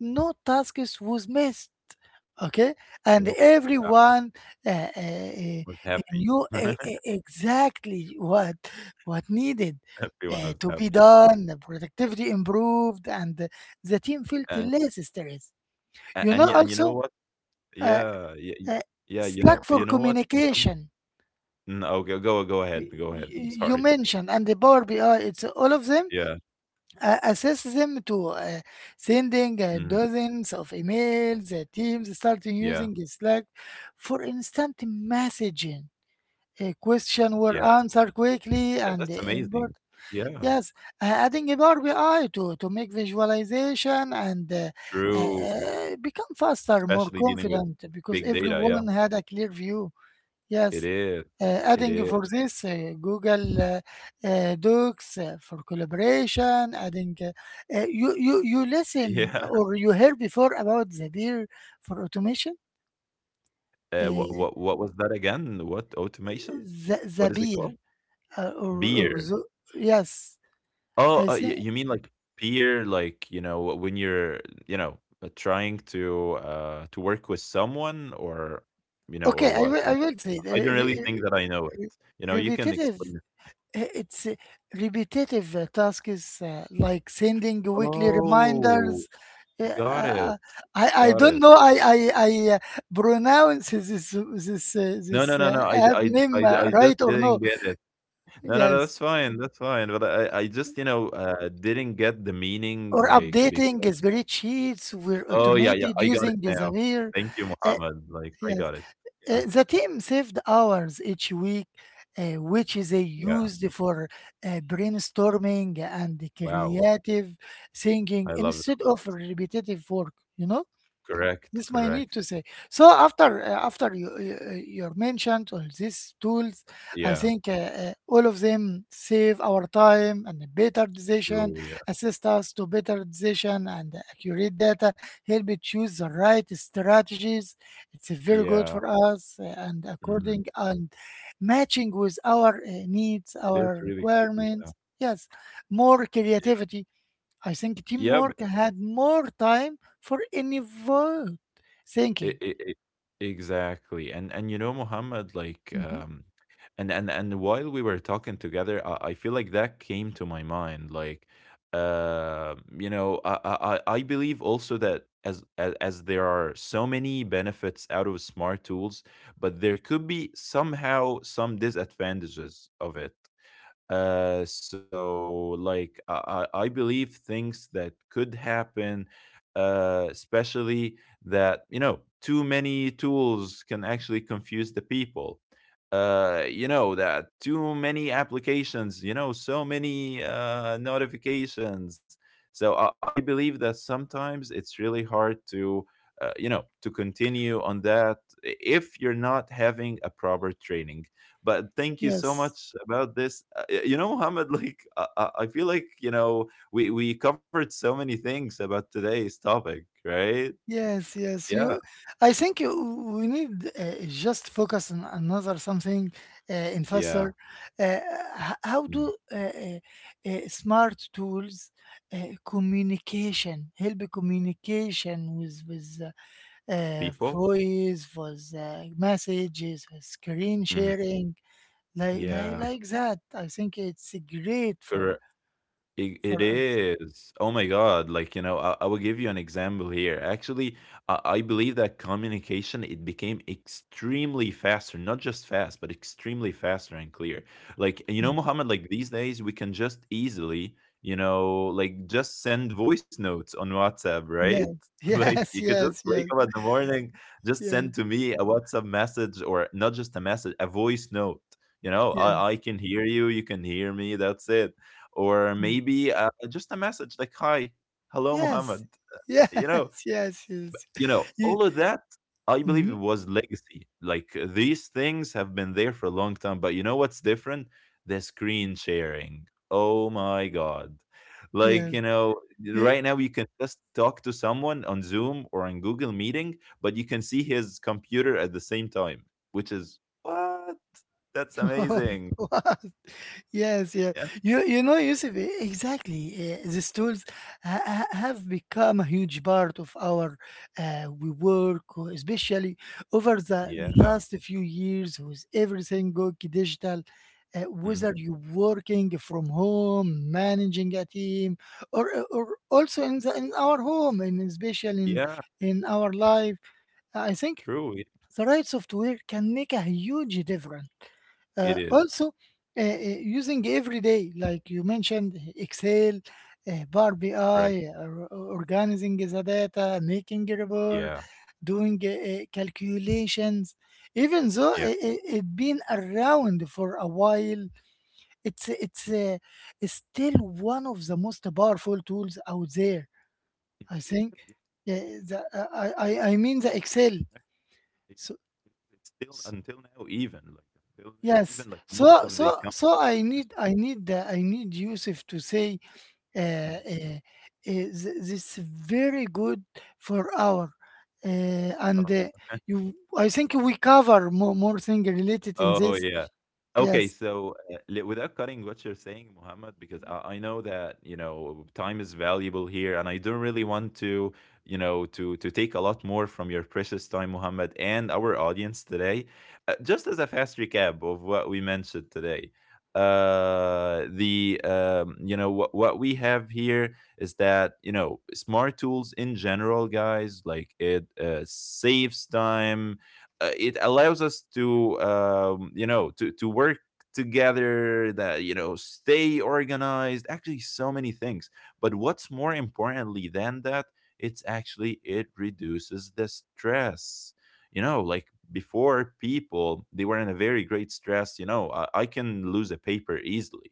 S1: no task is- was missed. Okay, and
S2: Yo, wow,
S1: everyone uh, uh,
S2: was
S1: uh,
S2: happy.
S1: knew e- e- exactly what what needed
S2: Everyone
S1: uh,
S2: was
S1: to be
S2: happy.
S1: done. The productivity improved, and uh, the team felt
S2: And
S1: less stressed.
S2: a
S1: You
S2: and
S1: know,
S2: you, and you know
S1: also,
S2: what?
S1: uh,
S2: Yeah, yeah, y
S1: uh,
S2: yeah, you know
S1: Slack for
S2: you know what, Mohammed?
S1: communication.
S2: Mm, oh, go go go ahead,
S1: y-
S2: go ahead, I'm
S1: y- You
S2: sorry.
S1: mentioned and the Power B I. It's all of them
S2: Yeah,
S1: uh, assess them to uh, sending uh,
S2: mhm,
S1: dozens of emails. Uh, teams starting
S2: yeah,
S1: using Slack for instant messaging. A question were
S2: yeah,
S1: answered quickly
S2: that
S1: and
S2: that's
S1: import.
S2: amazing. Yeah,
S1: Yes, uh, adding a Power B I to, to make visualization and uh, uh,
S2: true,
S1: uh, become faster, more
S2: especially dealing with
S1: confident because
S2: big data, yeah.
S1: everyone had a clear view.
S2: It
S1: Yes,
S2: is,
S1: uh,
S2: it
S1: adding
S2: is.
S1: for this uh, Google uh, uh, Docs uh, for collaboration, adding uh, uh, you you you listen
S2: Yeah.
S1: or you heard before about the beer for automation,
S2: Uh, what
S1: uh,
S2: what what was that again? What automation?
S1: the the
S2: What is it
S1: beer
S2: called?
S1: uh, or, or
S2: Beer.
S1: the, yes,
S2: Oh,
S1: I
S2: uh, y-
S1: think
S2: you mean like peer? Like you know when you're you know uh, trying to uh to work with someone or you know
S1: okay.
S2: or
S1: I
S2: what?
S1: will I
S2: Like,
S1: will say it.
S2: I don't really
S1: Re-
S2: think
S1: re-
S2: that I know it. You know,
S1: re-
S2: you can
S1: repetitive.
S2: explain it.
S1: I- It's a repetitive uh, task is uh, like sending weekly
S2: Oh,
S1: reminders. Yeah,
S2: got it,
S1: uh, I
S2: got
S1: I
S2: it.
S1: don't know. I I I uh, pronounce this this uh,
S2: No,
S1: this
S2: no, no,
S1: uh,
S2: no. I, d-
S1: app
S2: I,
S1: name
S2: I, d-
S1: uh,
S2: I just
S1: right or
S2: didn't
S1: no?
S2: get it. No, no, no.
S1: Yes.
S2: That's fine. That's fine. But I, I just, you know, uh, didn't get the meaning,
S1: Or
S2: like,
S1: updating
S2: because
S1: spreadsheets were
S2: oh, yeah, yeah,
S1: automated
S2: I got it
S1: using
S2: now.
S1: Zapier.
S2: Thank you,
S1: Uh,
S2: Muhammad. Like, I
S1: yes.
S2: got it. Yeah,
S1: Uh, the team saved hours each week, uh, which they
S2: yeah.
S1: used for uh, brainstorming and
S2: Wow.
S1: creative thinking
S2: I love it.
S1: instead of repetitive work, you know?
S2: Correct,
S1: This my need to
S2: correct.
S1: say. So after uh, after you, you you mentioned all these tools. I
S2: Yeah,
S1: think uh, uh, all of them save our time and a better decision,
S2: true. Yeah,
S1: assist us to better decision and accurate data, help it choose the right strategies. It's very good
S2: yeah.
S1: for us, uh, and
S2: Mhm.
S1: according and matching with our uh, needs,
S2: It is
S1: our
S2: really cool. Yeah,
S1: requirements. Yes, more
S2: yeah.
S1: creativity. I think
S2: Yeah,
S1: teamwork had more time for any vote
S2: I
S1: thinking.
S2: I I exactly, and and you know, Muhammad, like,
S1: hmm
S2: um, and and and while we were talking together, I, I feel like that came to my mind, like, uh, you know, I I I I believe also that as, as as there are so many benefits out of smart tools, but there could be somehow some disadvantages of it. Uh, so like I, I I believe things that could happen, uh, especially that you know too many tools can actually confuse the people. Uh, you know that too many applications, you know, so many uh, notifications. So I, I believe that sometimes it's really hard to, uh, you know, to continue on that if you're not having a proper training. But thank you so
S1: Yes,
S2: much about this. Uh, You know, Mohammed, like I, I I feel like you know we we covered so many things about today's topic, right?
S1: yes, yes.
S2: Yeah,
S1: You, I think you, we need uh, just focus on another something uh, in
S2: yeah.
S1: faster. Uh, h- how
S2: Mhm.
S1: do uh, uh, uh, smart tools uh, communication help communication with with uh, uh,
S2: People.
S1: voice, with uh, messages, with screen
S2: Mhm.
S1: sharing? Like, like,
S2: Yeah,
S1: like that. I think it's great for
S2: correct. It, it
S1: for us.
S2: is. Oh my God. Like, you know, I, I will give you an example here. Actually, I, I believe that communication, it became extremely faster, not just fast, but extremely faster and clear. Like, you know,
S1: Mm.
S2: Muhammad, like these days we can just easily, you know, like just send voice notes on WhatsApp, right?
S1: Yeah.
S2: Like you
S1: Yes.
S2: could just
S1: Yes.
S2: wake
S1: Yes.
S2: up in the morning, just
S1: Yes.
S2: send to me a WhatsApp message or not just a message, a voice note. You know, I, I
S1: Yes.
S2: can hear you, you can hear me, that's it or
S1: Yes. Yes.
S2: maybe uh, just a message like "Hi, hello, Muhammad."
S1: Yes.
S2: You know,
S1: Yes. Yes.
S2: you know,
S1: You,
S2: all of that. I believe it
S1: mhm,
S2: was legacy. Like uh, these things have been there for a long time, but you know what's different? The screen sharing. Oh my god! Like
S1: yes.
S2: you know,
S1: You,
S2: right now you can just talk to someone on Zoom or on Google Meeting, but you can see his computer at the same time, which is what? That's amazing.
S1: what? Yes, yeah.
S2: Yeah.
S1: You you know, Yusuf, e- exactly. Uh, these tools ha ha- have become a huge part of our uh, we work, uh, especially over the
S2: Yeah.
S1: last few years with everything going digital. Uh, whether
S2: Mhm.
S1: you're working from home, managing a team, or eh, or also in the, in our home, and especially in
S2: Yeah.
S1: in our life, I think
S2: True. It,
S1: the right software can make a huge difference. Uh,
S2: it is.
S1: also, uh, uh, using every day, like you mentioned, Excel, uh, Power B I,
S2: Right.
S1: or- or organizing the data, making a report,
S2: Yeah,
S1: doing uh, uh, calculations. Even though
S2: yeah.
S1: it, it, it been around for a while, it's it's
S2: Mm,
S1: uh, it's still one of the most powerful tools out there.
S2: it
S1: I
S2: is,
S1: think.
S2: yeah.
S1: Yeah,
S2: Exactly.
S1: the, uh, I, I I mean the Excel.
S2: Yeah. It's still
S1: So
S2: until now even, like, until now
S1: yes.
S2: even, like, most
S1: So
S2: of the
S1: so so I
S2: companies,
S1: need I need uh, I need Yusuf to say uh,
S2: mm,
S1: uh, uh, th- this very good for our uh, and uh,
S2: um,
S1: you, I think we cover more more thing related in
S2: oh,
S1: this.
S2: yeah. Okay,
S1: Yes.
S2: so uh, li- without cutting what you're saying, Muhammad, because I, I know that you know time is valuable here, and I don't really want to you know to to take a lot more from your precious time, Muhammad, and our audience today. Uh, just as a fast recap of what we mentioned today, uh, the um, you know what what we have here is that you know smart tools in general, guys, like it uh, saves time, uh, it allows us to um, you know to to work together, that you know stay organized, actually so many things, but what's more importantly than that, it's actually it reduces the stress, you know like before people they were in a very great stress, you know i, I can lose a paper easily.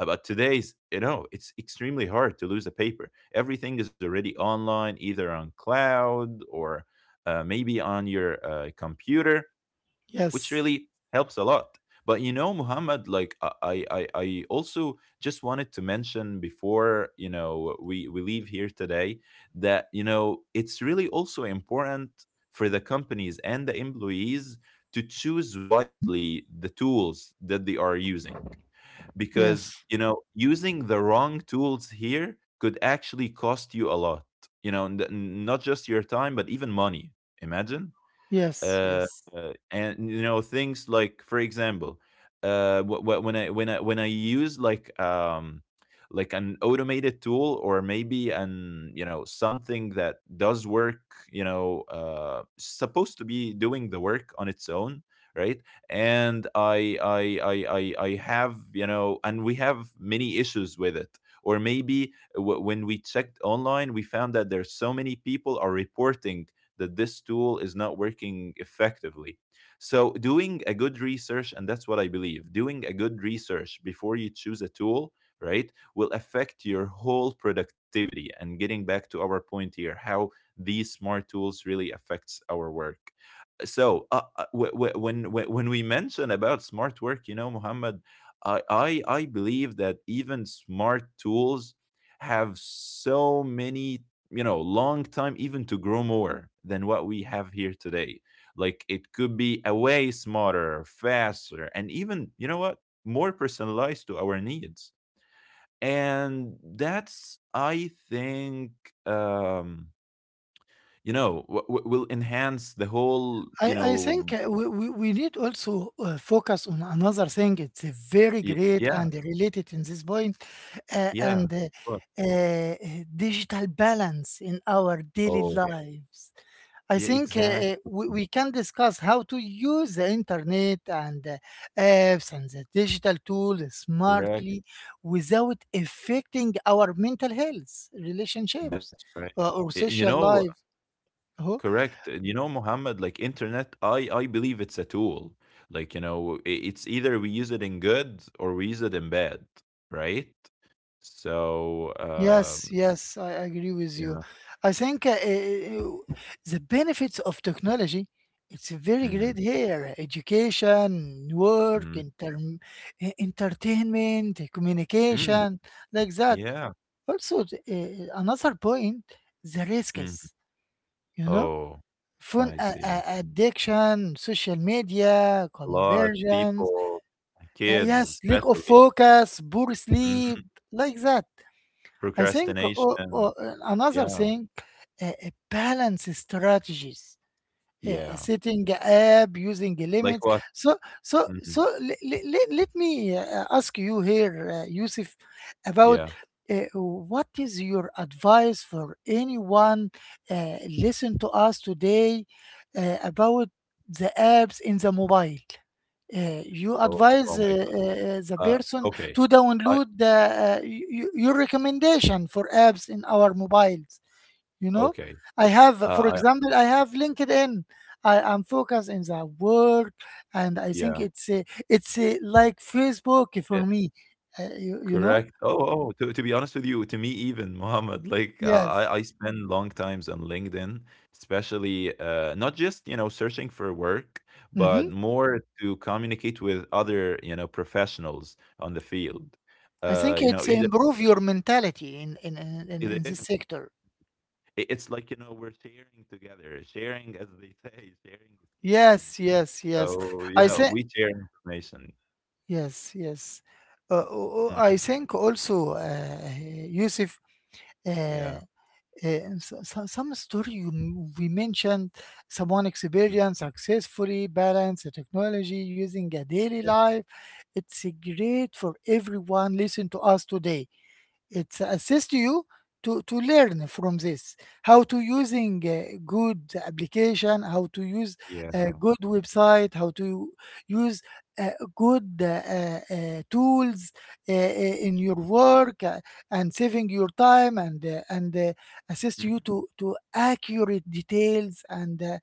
S2: Uh, but today's you know it's extremely hard to lose a paper, everything is already online either on cloud or uh, maybe on your uh, computer, which
S1: Yes.
S2: really helps a lot. But you know, Muhammad, like I, I, I I also just wanted to mention before you know we we leave here today that you know it's really also important for the companies and the employees to choose wisely the tools that they are using, because
S1: Yes.
S2: you know using the wrong tools here could actually cost you a lot, you know n- not just your time but even money, imagine
S1: Yes.
S2: uh,
S1: Yes.
S2: uh, and you know things like for example uh wh- wh- when i when i when i use like um like an automated tool or maybe an you know something that does work, you know uh supposed to be doing the work on its own, right, and i i i i, I have you know and we have many issues with it, or maybe w- when we checked online we found that there's so many people are reporting that this tool is not working effectively. So, doing a good research, and that's what I believe, doing a good research before you choose a tool, right, will affect your whole productivity. And getting back to our point here, how these smart tools really affects our work, so uh, uh, wh- wh- when when when we mention about smart work you know Muhammad, I, I I believe that even smart tools have so many you know long time even to grow more than what we have here today, like it could be a way smarter, faster, and even you know what, more personalized to our needs, and that's I think, um you know w- w- will enhance the whole you
S1: I, I think
S2: know.
S1: uh, we, we, we need also uh, focus on another thing. It's a very
S2: Y
S1: great
S2: Yeah,
S1: and related in this point, uh,
S2: yeah,
S1: and uh,
S2: of course.
S1: uh, digital balance in our daily
S2: Oh,
S1: lives.
S2: yeah,
S1: I think uh, uh,
S2: exactly.
S1: we, we can discuss how to use the internet and uh, apps and the digital tools
S2: Correct.
S1: smartly without affecting our mental health,
S2: That's
S1: relationships,
S2: right.
S1: uh, or
S2: Y- You
S1: social
S2: know,
S1: life. Uh-huh.
S2: correct. And you know, Mohammed, like internet, I I believe it's a tool. Like, you know, i- it's either we use it in good or we use it in bad, right? So,
S1: Yes,
S2: um,
S1: yes, I agree with you.
S2: yeah.
S1: I think uh, uh, uh, the benefits of technology, it's very
S2: Mm-hmm,
S1: great here. Education, work,
S2: mm-hmm,
S1: inter e- entertainment,
S2: mm,
S1: communication, like that.
S2: yeah.
S1: Also, the, uh, another point, the
S2: Hmm.
S1: risks, you know,
S2: Oh,
S1: phone
S2: I
S1: a-
S2: see.
S1: a- addiction, social media,
S2: A lot of
S1: conversions,
S2: people,
S1: uh,
S2: kids
S1: yes, lack of
S2: especially,
S1: focus, poor sleep,
S2: hmm.
S1: like that. I think o o
S2: Procrastination.
S1: another
S2: Yeah.
S1: thing, uh, uh, balance strategies, uh,
S2: Yeah.
S1: setting up using
S2: Like
S1: limits.
S2: what?
S1: so so
S2: Mhm.
S1: so let, let, let me uh, ask you here, uh, Yusuf, about
S2: Yeah.
S1: uh, what is your advice for anyone uh, listen to us today uh, about the apps in the mobile. Uh, you
S2: Oh, oh
S1: advise uh,
S2: my God.
S1: uh, the
S2: Uh,
S1: person
S2: okay.
S1: to
S2: I
S1: download the, uh, y- y- your recommendation for apps in our mobiles. You know,
S2: Okay.
S1: I
S2: Uh,
S1: have, for
S2: I
S1: example, I have LinkedIn. I am focused in the work, and I
S2: Yeah.
S1: think it's a, it's a, like Facebook
S2: Eh,
S1: for me. Uh, you, you
S2: correct.
S1: know.
S2: Oh, oh. To to be honest with you, to me even, Mohammed, like uh,
S1: Yes.
S2: I I spend long times on LinkedIn, especially uh not just you know searching for work, but
S1: hmm
S2: more to communicate with other you know professionals on the field.
S1: I think
S2: Uh, you know
S1: it's
S2: either
S1: improve your mentality in in, in in
S2: either
S1: in
S2: it-
S1: this sector.
S2: it's like you know we're sharing together, sharing as they say, sharing is caring.
S1: Yes, yes, yes.
S2: So,
S1: I
S2: you know,
S1: think,
S2: we share information.
S1: yes, yes. uh, uh, uh, I
S2: Mhm.
S1: think also, uh, Yusuf, uh,
S2: Yeah.
S1: uh, so- so- some story you m- we mentioned, someone
S2: Mm,
S1: experience successfully balance the technology using a daily
S2: yeah,
S1: life. It's great for everyone listen to us today. It assists you to, to learn from this: how to using a good application, how to use a
S2: yeah.
S1: good website, how to use uh, good uh, uh, uh, tools uh, uh, in your
S2: Mm,
S1: work, uh, and saving your time, and uh, and uh, assist
S2: mhm.
S1: you to to accurate details, and uh,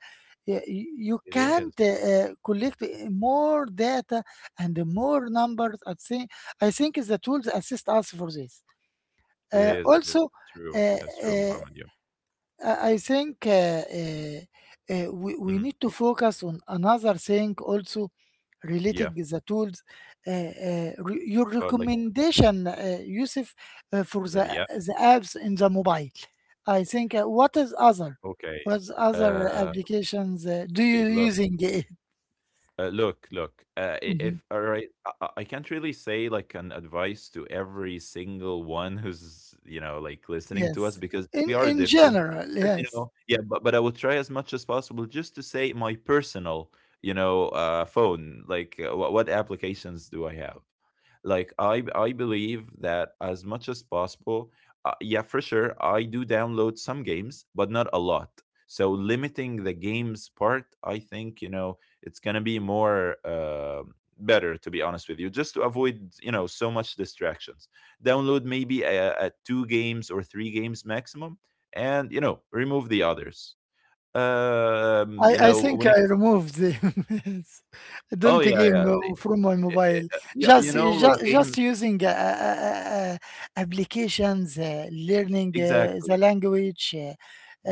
S1: y- y- you
S2: It
S1: can't
S2: is.
S1: uh, uh, collect more data and more numbers. I think, I think the tools assist us for this.
S2: It
S1: Uh,
S2: is, it is.
S1: also,
S2: It's true.
S1: uh,
S2: That's true,
S1: uh,
S2: Muhammad. Yeah.
S1: I I think, uh, uh, uh, we, we
S2: Mhm.
S1: need to focus on another thing also
S2: Yeah.
S1: relating the tools. Uh, uh, re- your
S2: How about like
S1: recommendation, uh, Yusuf, uh, for
S2: for
S1: the,
S2: the app?
S1: the apps in the mobile. I think, uh, what is other?
S2: Okay.
S1: What other
S2: Uh,
S1: applications uh, do you
S2: okay, look.
S1: using it?
S2: Uh, look, look. Uh, i-
S1: Mhm.
S2: if all right, I, I I can't really say like an advice to every single one who's you know like listening to us
S1: Yes,
S2: because we
S1: in
S2: are
S1: in
S2: different.
S1: general,
S2: But, you
S1: yes.
S2: know, yeah. But but I will try as much as possible just to say my personal, you know, uh, phone. Like, uh, what what applications do I have? Like, I b- I believe that as much as possible. Uh, yeah, for sure. I do download some games, but not a lot. So limiting the games part, I think you know it's gonna be more uh, better to be honest with you, just to avoid you know so much distractions, download maybe a, a two games or three games maximum and you know remove the others, um you
S1: I, I
S2: know
S1: think
S2: when it
S1: I removed the
S2: oh
S1: don't
S2: yeah yeah
S1: game
S2: they-
S1: uh, from my
S2: eh, eh,
S1: mobile.
S2: uh, yeah
S1: Just
S2: you know like
S1: just,
S2: game
S1: just using uh, uh, uh, applications, uh, learning uh, the
S2: exactly
S1: language, uh,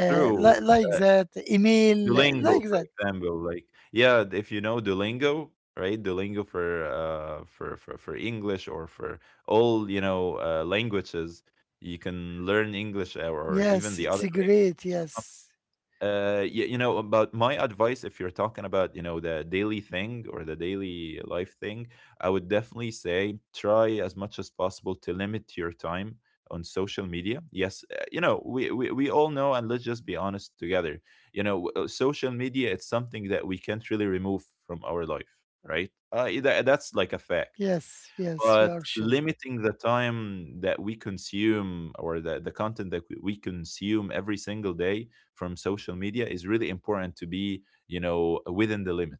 S1: uh, li- like that, email,
S2: Duolingo,
S1: like
S2: for
S1: that.
S2: example, like yeah, if you know Duolingo, right? Duolingo for uh for for for English or for all you know uh, languages, you can learn English or, or even
S1: Yes,
S2: the
S1: it's
S2: other language.
S1: great. Yes,
S2: Uh, you, you know, about my advice, if you're talking about, you know, the daily thing or the daily life thing, I would definitely say try as much as possible to limit your time on social media. Yes, uh, you know, we, we, we all know, and let's just be honest together. You know, w- uh, social media, it's something that we can't really remove from our life, right? Uh, that, that's like a fact,
S1: yes, yes. You are
S2: but
S1: sure.
S2: limiting the time that we consume or the, the content that we we consume every single day from social media is really important to be you know within the limit,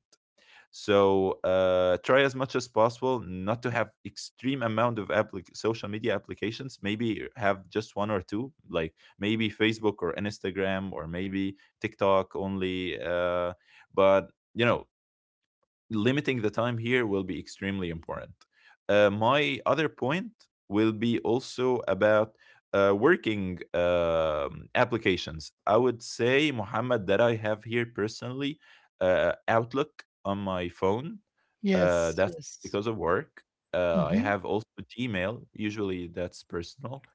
S2: so uh, try as much as possible not to have extreme amount of applic- social media applications, maybe have just one or two, like maybe Facebook or Instagram or maybe TikTok only, uh, but you know limiting the time here will be extremely important. Uh, my other point will be also about uh, working um, applications. I would say, Mohammed, that I have here personally uh, Outlook on my phone. Uh,
S1: Yes,
S2: that's
S1: yes.
S2: because of work. Uh, I
S1: hmm
S2: have also Gmail. Usually, that's personal.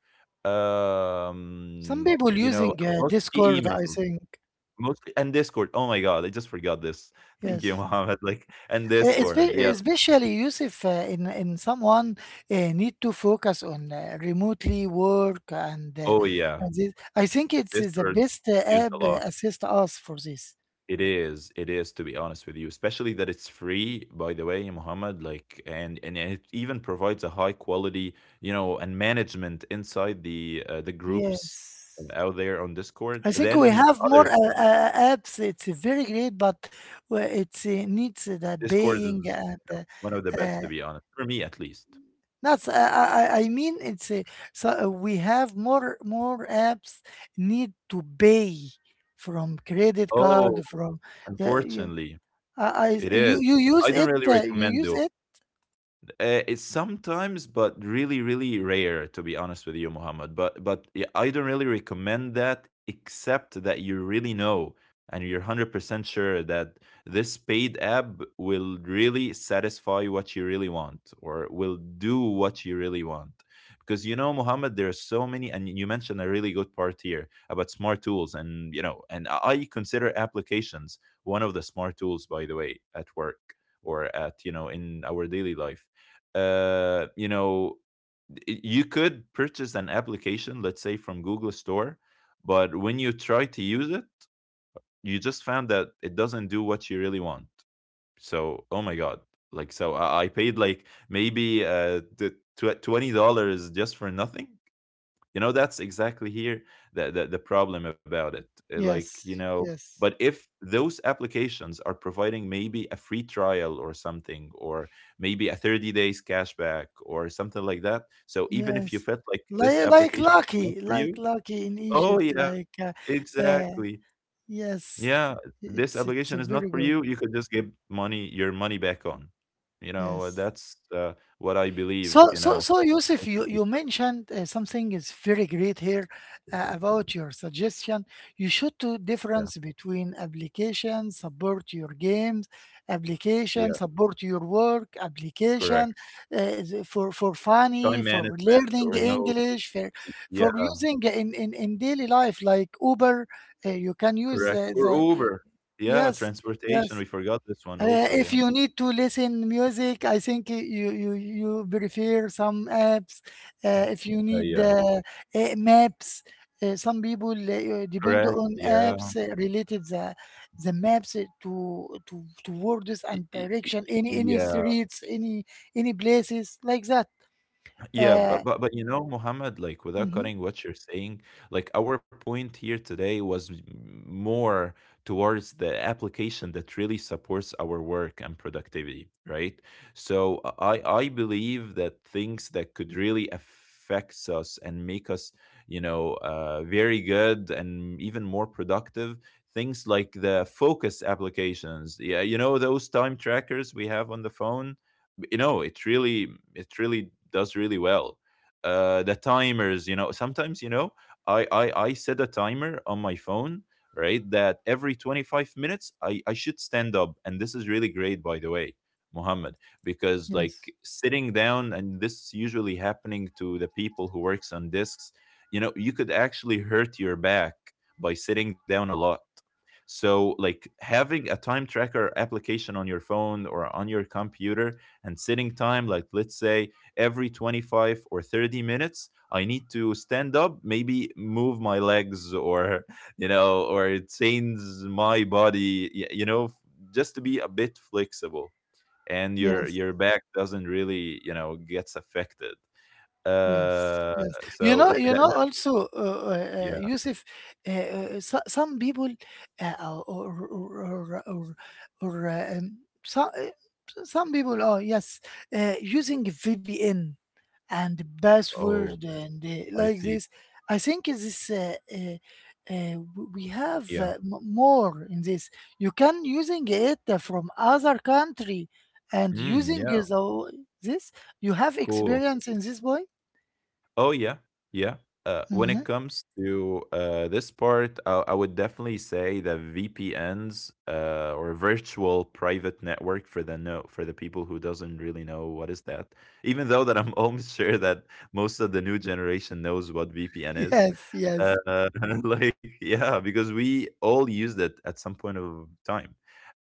S1: Some
S2: Um,
S1: people
S2: you know,
S1: using uh,
S2: mostly
S1: Discord,
S2: email.
S1: I think.
S2: Mostly and Discord. Oh my god, I just forgot this. Thank you,
S1: Yes.
S2: Mohammed. Like and
S1: Uh, espe-
S2: Discord. Yeah.
S1: Especially Yusuf, uh, in in someone uh, need to focus on uh, remotely work and, uh,
S2: Oh yeah.
S1: and this. I think it's uh, the
S2: Discord
S1: best uh,
S2: is used
S1: app,
S2: a
S1: uh,
S2: lot.
S1: assist us for this.
S2: It is. It is, to be honest with you, especially that it's free, by the way, Mohammed, like and and it even provides a high quality, you know, and management inside the uh, the groups uh,
S1: Yes.
S2: out there on Discord.
S1: I think we
S2: Then
S1: have more
S2: other
S1: uh, uh, apps. It's very great, but uh, it uh, needs uh, the
S2: Discord
S1: paying,
S2: is,
S1: and
S2: you know,
S1: uh,
S2: one of the
S1: uh,
S2: best, to be honest. For me at least.
S1: that's I I I I mean it's a, so uh, we have more more apps need to pay from credit
S2: Oh,
S1: card from, yeah, you,
S2: unfortunately,
S1: I,
S2: it
S1: I
S2: is.
S1: you you
S2: I
S1: use
S2: don't
S1: it,
S2: really
S1: uh, you
S2: recommend
S1: use
S2: though.
S1: it,
S2: Good. Uh, it's sometimes, but really, really rare, to be honest with you, Muhammad. But but yeah, I don't really recommend that, except that you really know and you're one hundred percent sure that this paid app will really satisfy what you really want or will do what you really want. Because, you know, Muhammad, there are so many, and you mentioned a really good part here about smart tools, and you know, and I consider applications one of the smart tools, by the way, at work or at, you know, in our daily life. uh, you know, y- you could purchase an application, let's say from Google Store, but when you try to use it, you just found that it doesn't do what you really want. So, oh my God. Like, so I, I paid like maybe uh, the tw- twenty dollars just for nothing. You know, that's exactly here the, the, the problem about it. Uh, Like, you
S1: yes,
S2: know, but
S1: yes,
S2: if those applications are providing maybe a free trial or something, or maybe a thirty days cashback or something like that. So even if you
S1: yes,
S2: felt like this
S1: like like
S2: application is not
S1: lucky,
S2: for
S1: like
S2: you,
S1: lucky in
S2: oh,
S1: Egypt,
S2: yeah,
S1: like, uh, uh,
S2: exactly.
S1: yes,
S2: Yeah, this
S1: it's it's
S2: application is not
S1: very
S2: for
S1: good,
S2: you. You could just give money, your money back on. You know, uh,
S1: yes.
S2: that's uh, what I believe,
S1: So,
S2: you
S1: so,
S2: know.
S1: so,
S2: how
S1: Yusuf,
S2: to
S1: you,
S2: do-
S1: you mentioned uh, something is very great here uh, about your suggestion. You should do
S2: Yeah,
S1: difference between application support your games, application
S2: yeah,
S1: support your work,
S2: correct.
S1: application uh, for for funny,
S2: Time
S1: for
S2: management
S1: learning
S2: or a note.
S1: English, for
S2: Yeah,
S1: for using in in, in daily life, like Uber. Uh, you can use
S2: correct.
S1: the,
S2: Or
S1: the
S2: Uber. Yeah,
S1: yes,
S2: transportation.
S1: yes.
S2: We forgot this one
S1: Uh,
S2: also.
S1: if
S2: Yeah.
S1: you need to listen music, I think y- you you you prefer some apps. Uh, if you
S2: Uh,
S1: need
S2: yeah,
S1: uh, uh, maps, uh, some people uh, depend
S2: correct.
S1: on
S2: Yeah.
S1: apps uh, related the the maps uh, to to to words and direction, Any any
S2: Yeah.
S1: streets, any any places like that.
S2: Yeah,
S1: Uh,
S2: but but but you know, Mohammed, like, without
S1: mhm.
S2: cutting what you're saying, like, our point here today was m- more towards the application that really supports our work and productivity, right? So I I believe that things that could really affect us and make us, you know, uh, very good and even more productive. Things like the focus applications, yeah, you know, those time trackers we have on the phone. You know, it really, it really does really well. Uh the timers, you know, sometimes, you know, i i, I set a timer on my phone, right, that every twenty-five minutes i i should stand up, and this is really great, by the way, Mohammed, because, like,
S1: Yes,
S2: sitting down, and this is usually happening to the people who works on discs, you know, you could actually hurt your back by sitting down a lot. So, like, having a time tracker application on your phone or on your computer and sitting time, like, let's say every twenty-five or thirty minutes I need to stand up, maybe move my legs, or you know, or change my body, y- you know, f- just to be a bit flexible, and your
S1: yes.
S2: your back doesn't really, you know, gets affected.
S1: Yes,
S2: uh
S1: yes. You
S2: so
S1: know,
S2: th-
S1: you
S2: that,
S1: know.
S2: that
S1: Also, uh, uh, uh,
S2: Yeah.
S1: Yusuf, uh, uh, so, some people, uh, or or or, or, or uh, um, so, uh, some people are, yes, uh, using V P N and
S2: Oh,
S1: password and uh,
S2: I
S1: like
S2: see.
S1: this. I think this, uh, uh, uh, w- we have
S2: Yeah.
S1: uh, m- more in this. You can using it uh, from other country, and
S2: Mm,
S1: using
S2: yeah.
S1: the, this. You have
S2: Cool.
S1: experience in this, boy?
S2: Oh yeah, yeah. Uh, when
S1: Mhm.
S2: it comes to uh, this part, I, I would definitely say that V P Ns, uh, or virtual private network, for the no for the people who doesn't really know what is that. Even though that I'm almost sure that most of the new generation knows what V P N is,
S1: Yes,
S2: uh,
S1: yes,
S2: like, yeah, because we all used it at some point of time.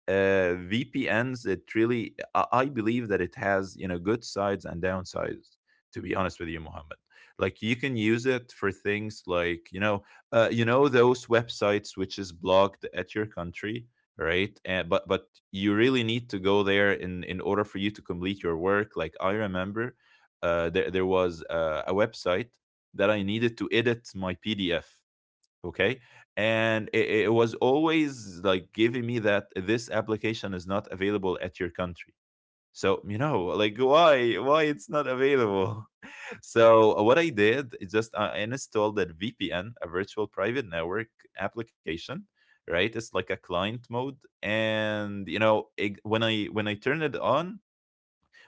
S2: Uh, V P Ns, it really, I, I believe that it has, you know, good sides and downsides. To be honest with you, Mohammed, like, you can use it for things like, you know, uh, you know, those websites which is blocked at your country, right? Uh, but but you really need to go there in in order for you to complete your work. Like, I remember, uh, there there was uh, a website that I needed to edit my P D F. Okay. And it, it was always like giving me that this application is not available at your country. So, you know, like, why why it's not available? So what I did is just uh, I installed that V P N, a virtual private network application, right? It's like a client mode, and, you know, it, when I when I turn it on,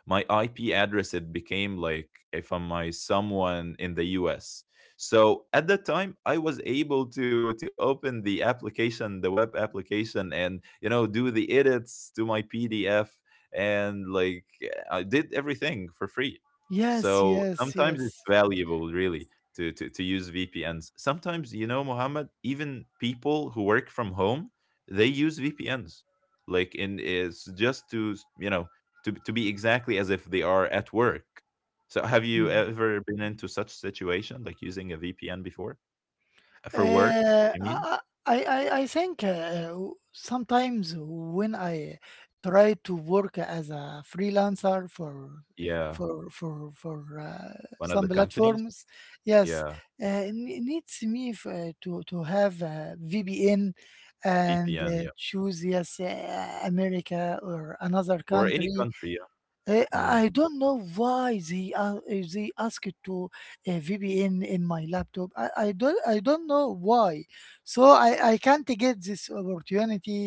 S2: my I P address, it became like if I'm my someone in the U S. So at that time, I was able to to open the application, the web application, and, you know, do the edits to my P D F, and, like, I did everything for free.
S1: yes,
S2: So
S1: yes,
S2: sometimes
S1: yes.
S2: it's valuable, really, to to, to use V P Ns. Sometimes, you know, Mohammed, even people who work from home, they use V P Ns like in is just to, you know, to to be exactly as if they are at work. So, have you
S1: Mhm.
S2: ever been into such situation, like using a V P N before? For work,
S1: Uh,
S2: I mean?
S1: I, I, I I think, uh, sometimes when I try to work as a freelancer for
S2: Yeah.
S1: for for for uh,
S2: One of
S1: some
S2: the companies?
S1: platforms, yes,
S2: Yeah,
S1: uh, it needs me f- uh, to to have a V P N,
S2: V P N,
S1: and
S2: yeah.
S1: uh, choose, yes, uh, America or another
S2: Or any
S1: country.
S2: country,
S1: Uh,
S2: yeah. Mm.
S1: I I don't know why they uh, eh, they asked to uh, V P N in my laptop. I, I don't I don't know why, so I, I can't get this opportunity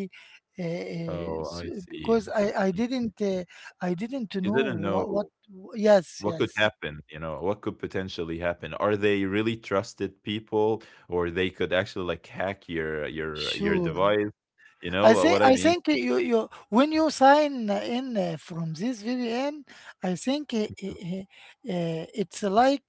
S1: uh, uh,
S2: Oh,
S1: s-
S2: I see.
S1: because I, I
S2: Mm.
S1: didn't uh, I didn't
S2: You
S1: know
S2: didn't
S1: what, what
S2: know
S1: yes,
S2: what could
S1: yes,
S2: happen, you know, what could potentially happen. Are they really trusted people, or they could actually like hack your your your
S1: sure.
S2: device? You
S1: I
S2: know what
S1: think,
S2: I
S1: I
S2: mean?
S1: think you, you when you sign in uh, from this V P N, I think uh, uh, uh, it's like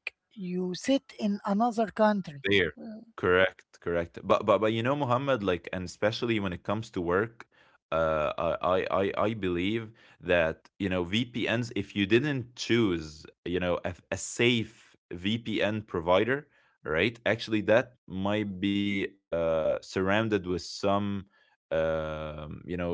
S1: you sit in another country.
S2: There. Correct, correct. But but but you know, Muhammad, like, and especially when it comes to work, uh, I I I I believe that, you know, V P Ns, if you didn't choose, you know, a, a safe V P N provider, right? Actually, that might be uh, surrounded with some, um, you know,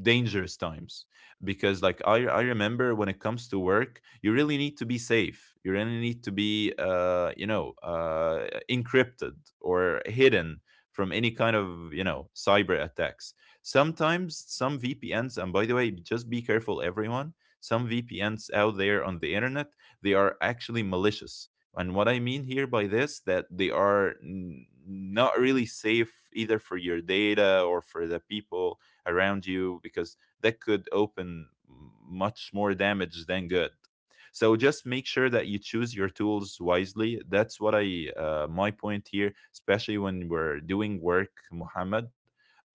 S2: dangerous times because, like, I, I remember when it comes to work, you really need to be safe, you really need to be uh, you know uh, encrypted or hidden from any kind of, you know, cyber attacks. Sometimes some VPNs, and by the way, just be careful, everyone, some VPNs out there on the internet, they are actually malicious. And what I mean here by this, that they are n- not really safe either for your data or for the people around you, because that could open much more damage than good. So just make sure that you choose your tools wisely. That's what I, uh, my point here, especially when we're doing work, Muhammad.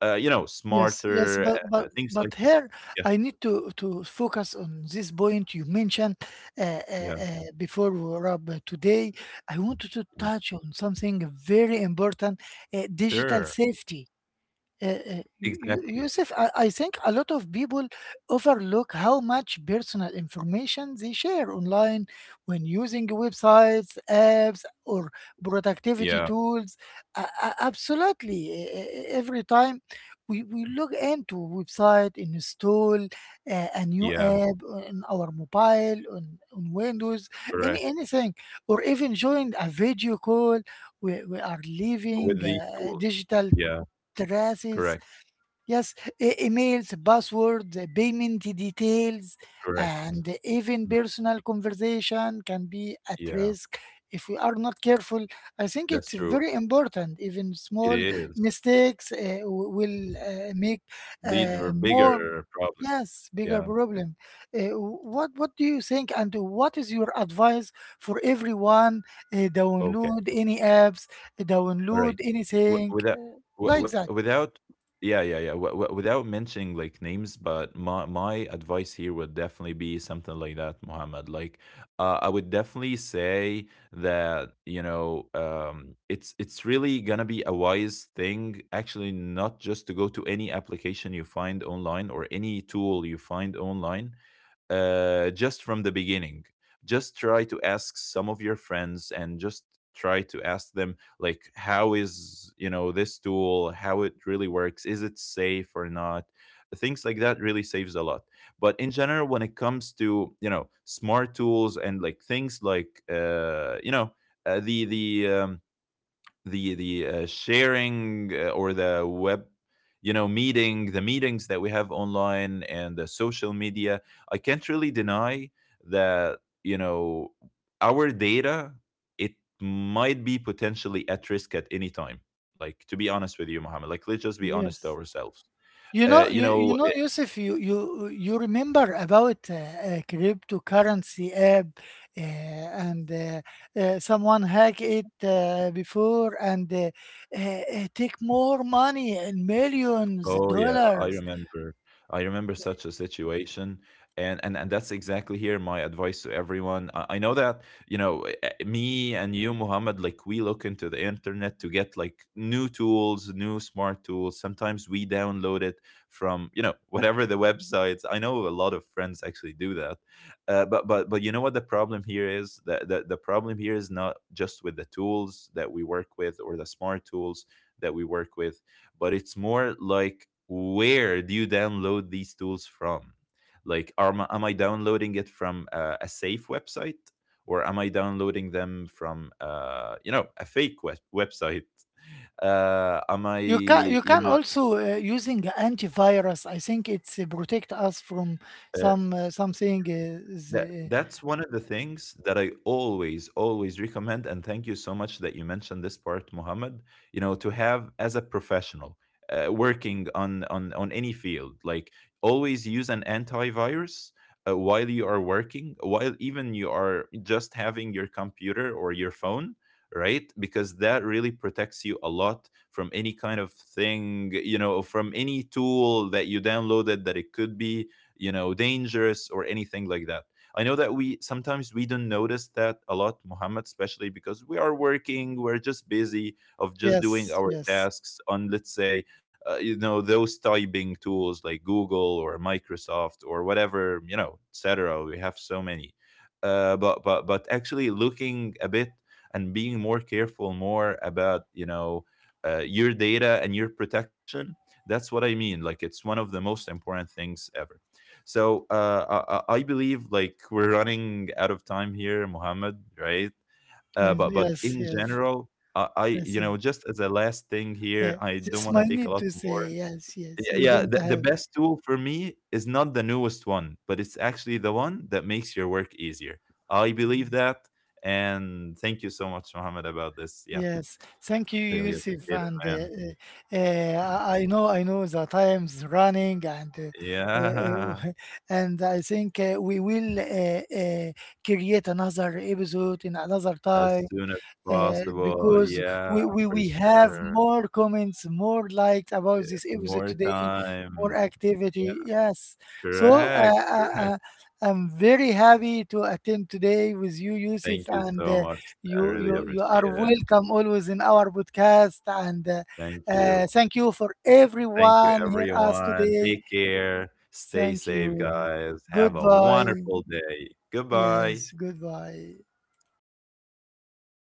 S2: Uh, you know,
S1: Yes, yes,
S2: smarter
S1: but but
S2: uh, things
S1: but
S2: like,
S1: here
S2: yeah,
S1: I need to to focus on this point you mentioned uh, uh,
S2: yeah,
S1: uh, before we were up uh, today. I wanted to
S2: mm,
S1: touch on something very important, uh, digital
S2: sure,
S1: safety. Uh, uh, Yo- Yo-
S2: exactly,
S1: Yusuf, I, I think a lot of people overlook how much personal information they share online when using websites, apps, or productivity
S2: yeah,
S1: tools. A- a- Absolutely. e- e- e, Every time we, we log into a website, install uh, a new
S2: yeah,
S1: app on our mobile, on, on Windows, any,
S2: correct.
S1: anything, or even join a video call, we, we are leaving
S2: With these
S1: uh,
S2: tools,
S1: digital
S2: yeah, correct,
S1: traces. Yes, e- emails, passwords, uh, payment details,
S2: correct,
S1: and even
S2: mm,
S1: personal conversation can be at
S2: yeah,
S1: risk if we are not careful. I think
S2: that's
S1: it's
S2: true.
S1: very important. Even
S2: It
S1: small
S2: is
S1: mistakes uh, w- will uh, make
S2: lead
S1: uh,
S2: for
S1: more,
S2: bigger problem.
S1: yes, bigger
S2: Yeah,
S1: problem. Uh, what what do you think? And what is your advice for everyone? Uh,
S2: okay.
S1: download any apps, download
S2: Alright. W
S1: anything
S2: without
S1: uh,
S2: w
S1: like
S2: w
S1: that.
S2: without yeah, yeah, yeah. W w Without mentioning, like, names, but my my advice here would definitely be something like that, Mohammed. Like, uh, I would definitely say that, you know, um, it's it's really gonna be a wise thing, actually, not just to go to any application you find online or any tool you find online, uh, just from the beginning. Just try to ask some of your friends, and just try to ask them, like, how is, you know, this tool, how it really works, is it safe or not. Things like that really saves a lot. But in general, when it comes to, you know, smart tools, and like things like, uh you know, uh, the the um, the the uh, sharing, uh, or the web, you know, meeting, the meetings that we have online, and the social media, I can't really deny that, you know, our data, it might be potentially at risk at any time. Like, to be honest with you, Mohammed, like, let's just be honest to
S1: Yes.
S2: ourselves.
S1: You
S2: uh,
S1: know,
S2: you
S1: you,
S2: know
S1: you know, Yusuf, you you you remember about uh, a cryptocurrency app, uh, and uh, uh, someone hacked it uh, before and uh, uh, uh, take more money and millions
S2: Oh yeah, I
S1: dollars.
S2: remember. I remember such a situation, and and and that's exactly here my advice to everyone. I, I know that, you know, eh, eh, me and you, Muhammad. Like, we look into the internet to get, like, new tools, new smart tools. Sometimes we download it from, you know, whatever the websites. I know a lot of friends actually do that, uh, but but but you know what the problem here is. The, the the problem here is not just with the tools that we work with or the smart tools that we work with, but it's more like, where do you download these tools from? Like, are, am I downloading it from uh, a safe website, or am I downloading them from, uh, you know, a fake web- website? Uh, am I,
S1: You can you
S2: you
S1: can
S2: know,
S1: also uh, using antivirus. I think it's uh, protect us from
S2: uh,
S1: some uh, something. Is,
S2: That
S1: uh,
S2: that's one of the things that I always always recommend, and thank you so much that you mentioned this part, Mohammed. You know, to have as a professional uh, working on on on any field, like, always use an antivirus uh, while you are working, while even you are just having your computer or your phone, right? Because that really protects you a lot from any kind of thing, you know, from any tool that you downloaded, that it could be, you know, dangerous or anything like that. I know that we sometimes we don't notice that a lot, Muhammad, especially because we are working, we're just busy of just doing
S1: yes,
S2: our
S1: yes,
S2: tasks on, let's say, uh, you know, those typing tools like Google or Microsoft or whatever, you know, et cetera. We have so many. Uh, but but but actually, looking a bit and being more careful more about, you know, uh, your data and your protection, that's what I mean, like, it's one of the most important things ever. So uh, I, I I believe like we're running out of time here, Mohammed, right? Uh,
S1: I-
S2: but but
S1: yes,
S2: in
S1: yes.
S2: general, I, I,
S1: I
S2: you know,
S1: see.
S2: just as a last thing here,
S1: Yeah,
S2: I don't
S1: just
S2: want to
S1: my
S2: take a
S1: need
S2: lot
S1: to
S2: more.
S1: say, yes,
S2: Yeah,
S1: yes. We
S2: yeah,
S1: don't
S2: the, the
S1: have.
S2: best tool for me is not the newest one, but it's actually the one that makes your work easier. I believe that, and thank you so much, Mohammed, about this. Yeah,
S1: Yes, thank you,
S2: really
S1: Yusuf.
S2: appreciate it,
S1: And uh,
S2: man.
S1: uh, uh, I I know, I know the time's running, and uh, we-
S2: Yeah,
S1: uh, and I think uh, we will uh, uh, create another episode in another
S2: as
S1: time
S2: soon as
S1: uh,
S2: possible.
S1: because
S2: Yeah,
S1: we, we
S2: for
S1: we have
S2: sure.
S1: more comments, more likes about this episode
S2: More
S1: today,
S2: time.
S1: more
S2: Yeah,
S1: activity. Yes, so uh,
S2: correct,
S1: uh,
S2: correct.
S1: uh, I'm very happy to attend today with you, Yusuf,
S2: Thank you
S1: and.
S2: so
S1: Uh,
S2: much. I
S1: you,
S2: really
S1: you, you are
S2: appreciate it.
S1: welcome always in our podcast. And uh,
S2: Thank you.
S1: uh, thank you for
S2: Thank you,
S1: everyone here us
S2: everyone. Take
S1: today.
S2: care. Stay
S1: Thank
S2: safe,
S1: you.
S2: guys. Have a
S1: Goodbye.
S2: wonderful day. Goodbye.
S1: Yes, goodbye.
S2: Bye.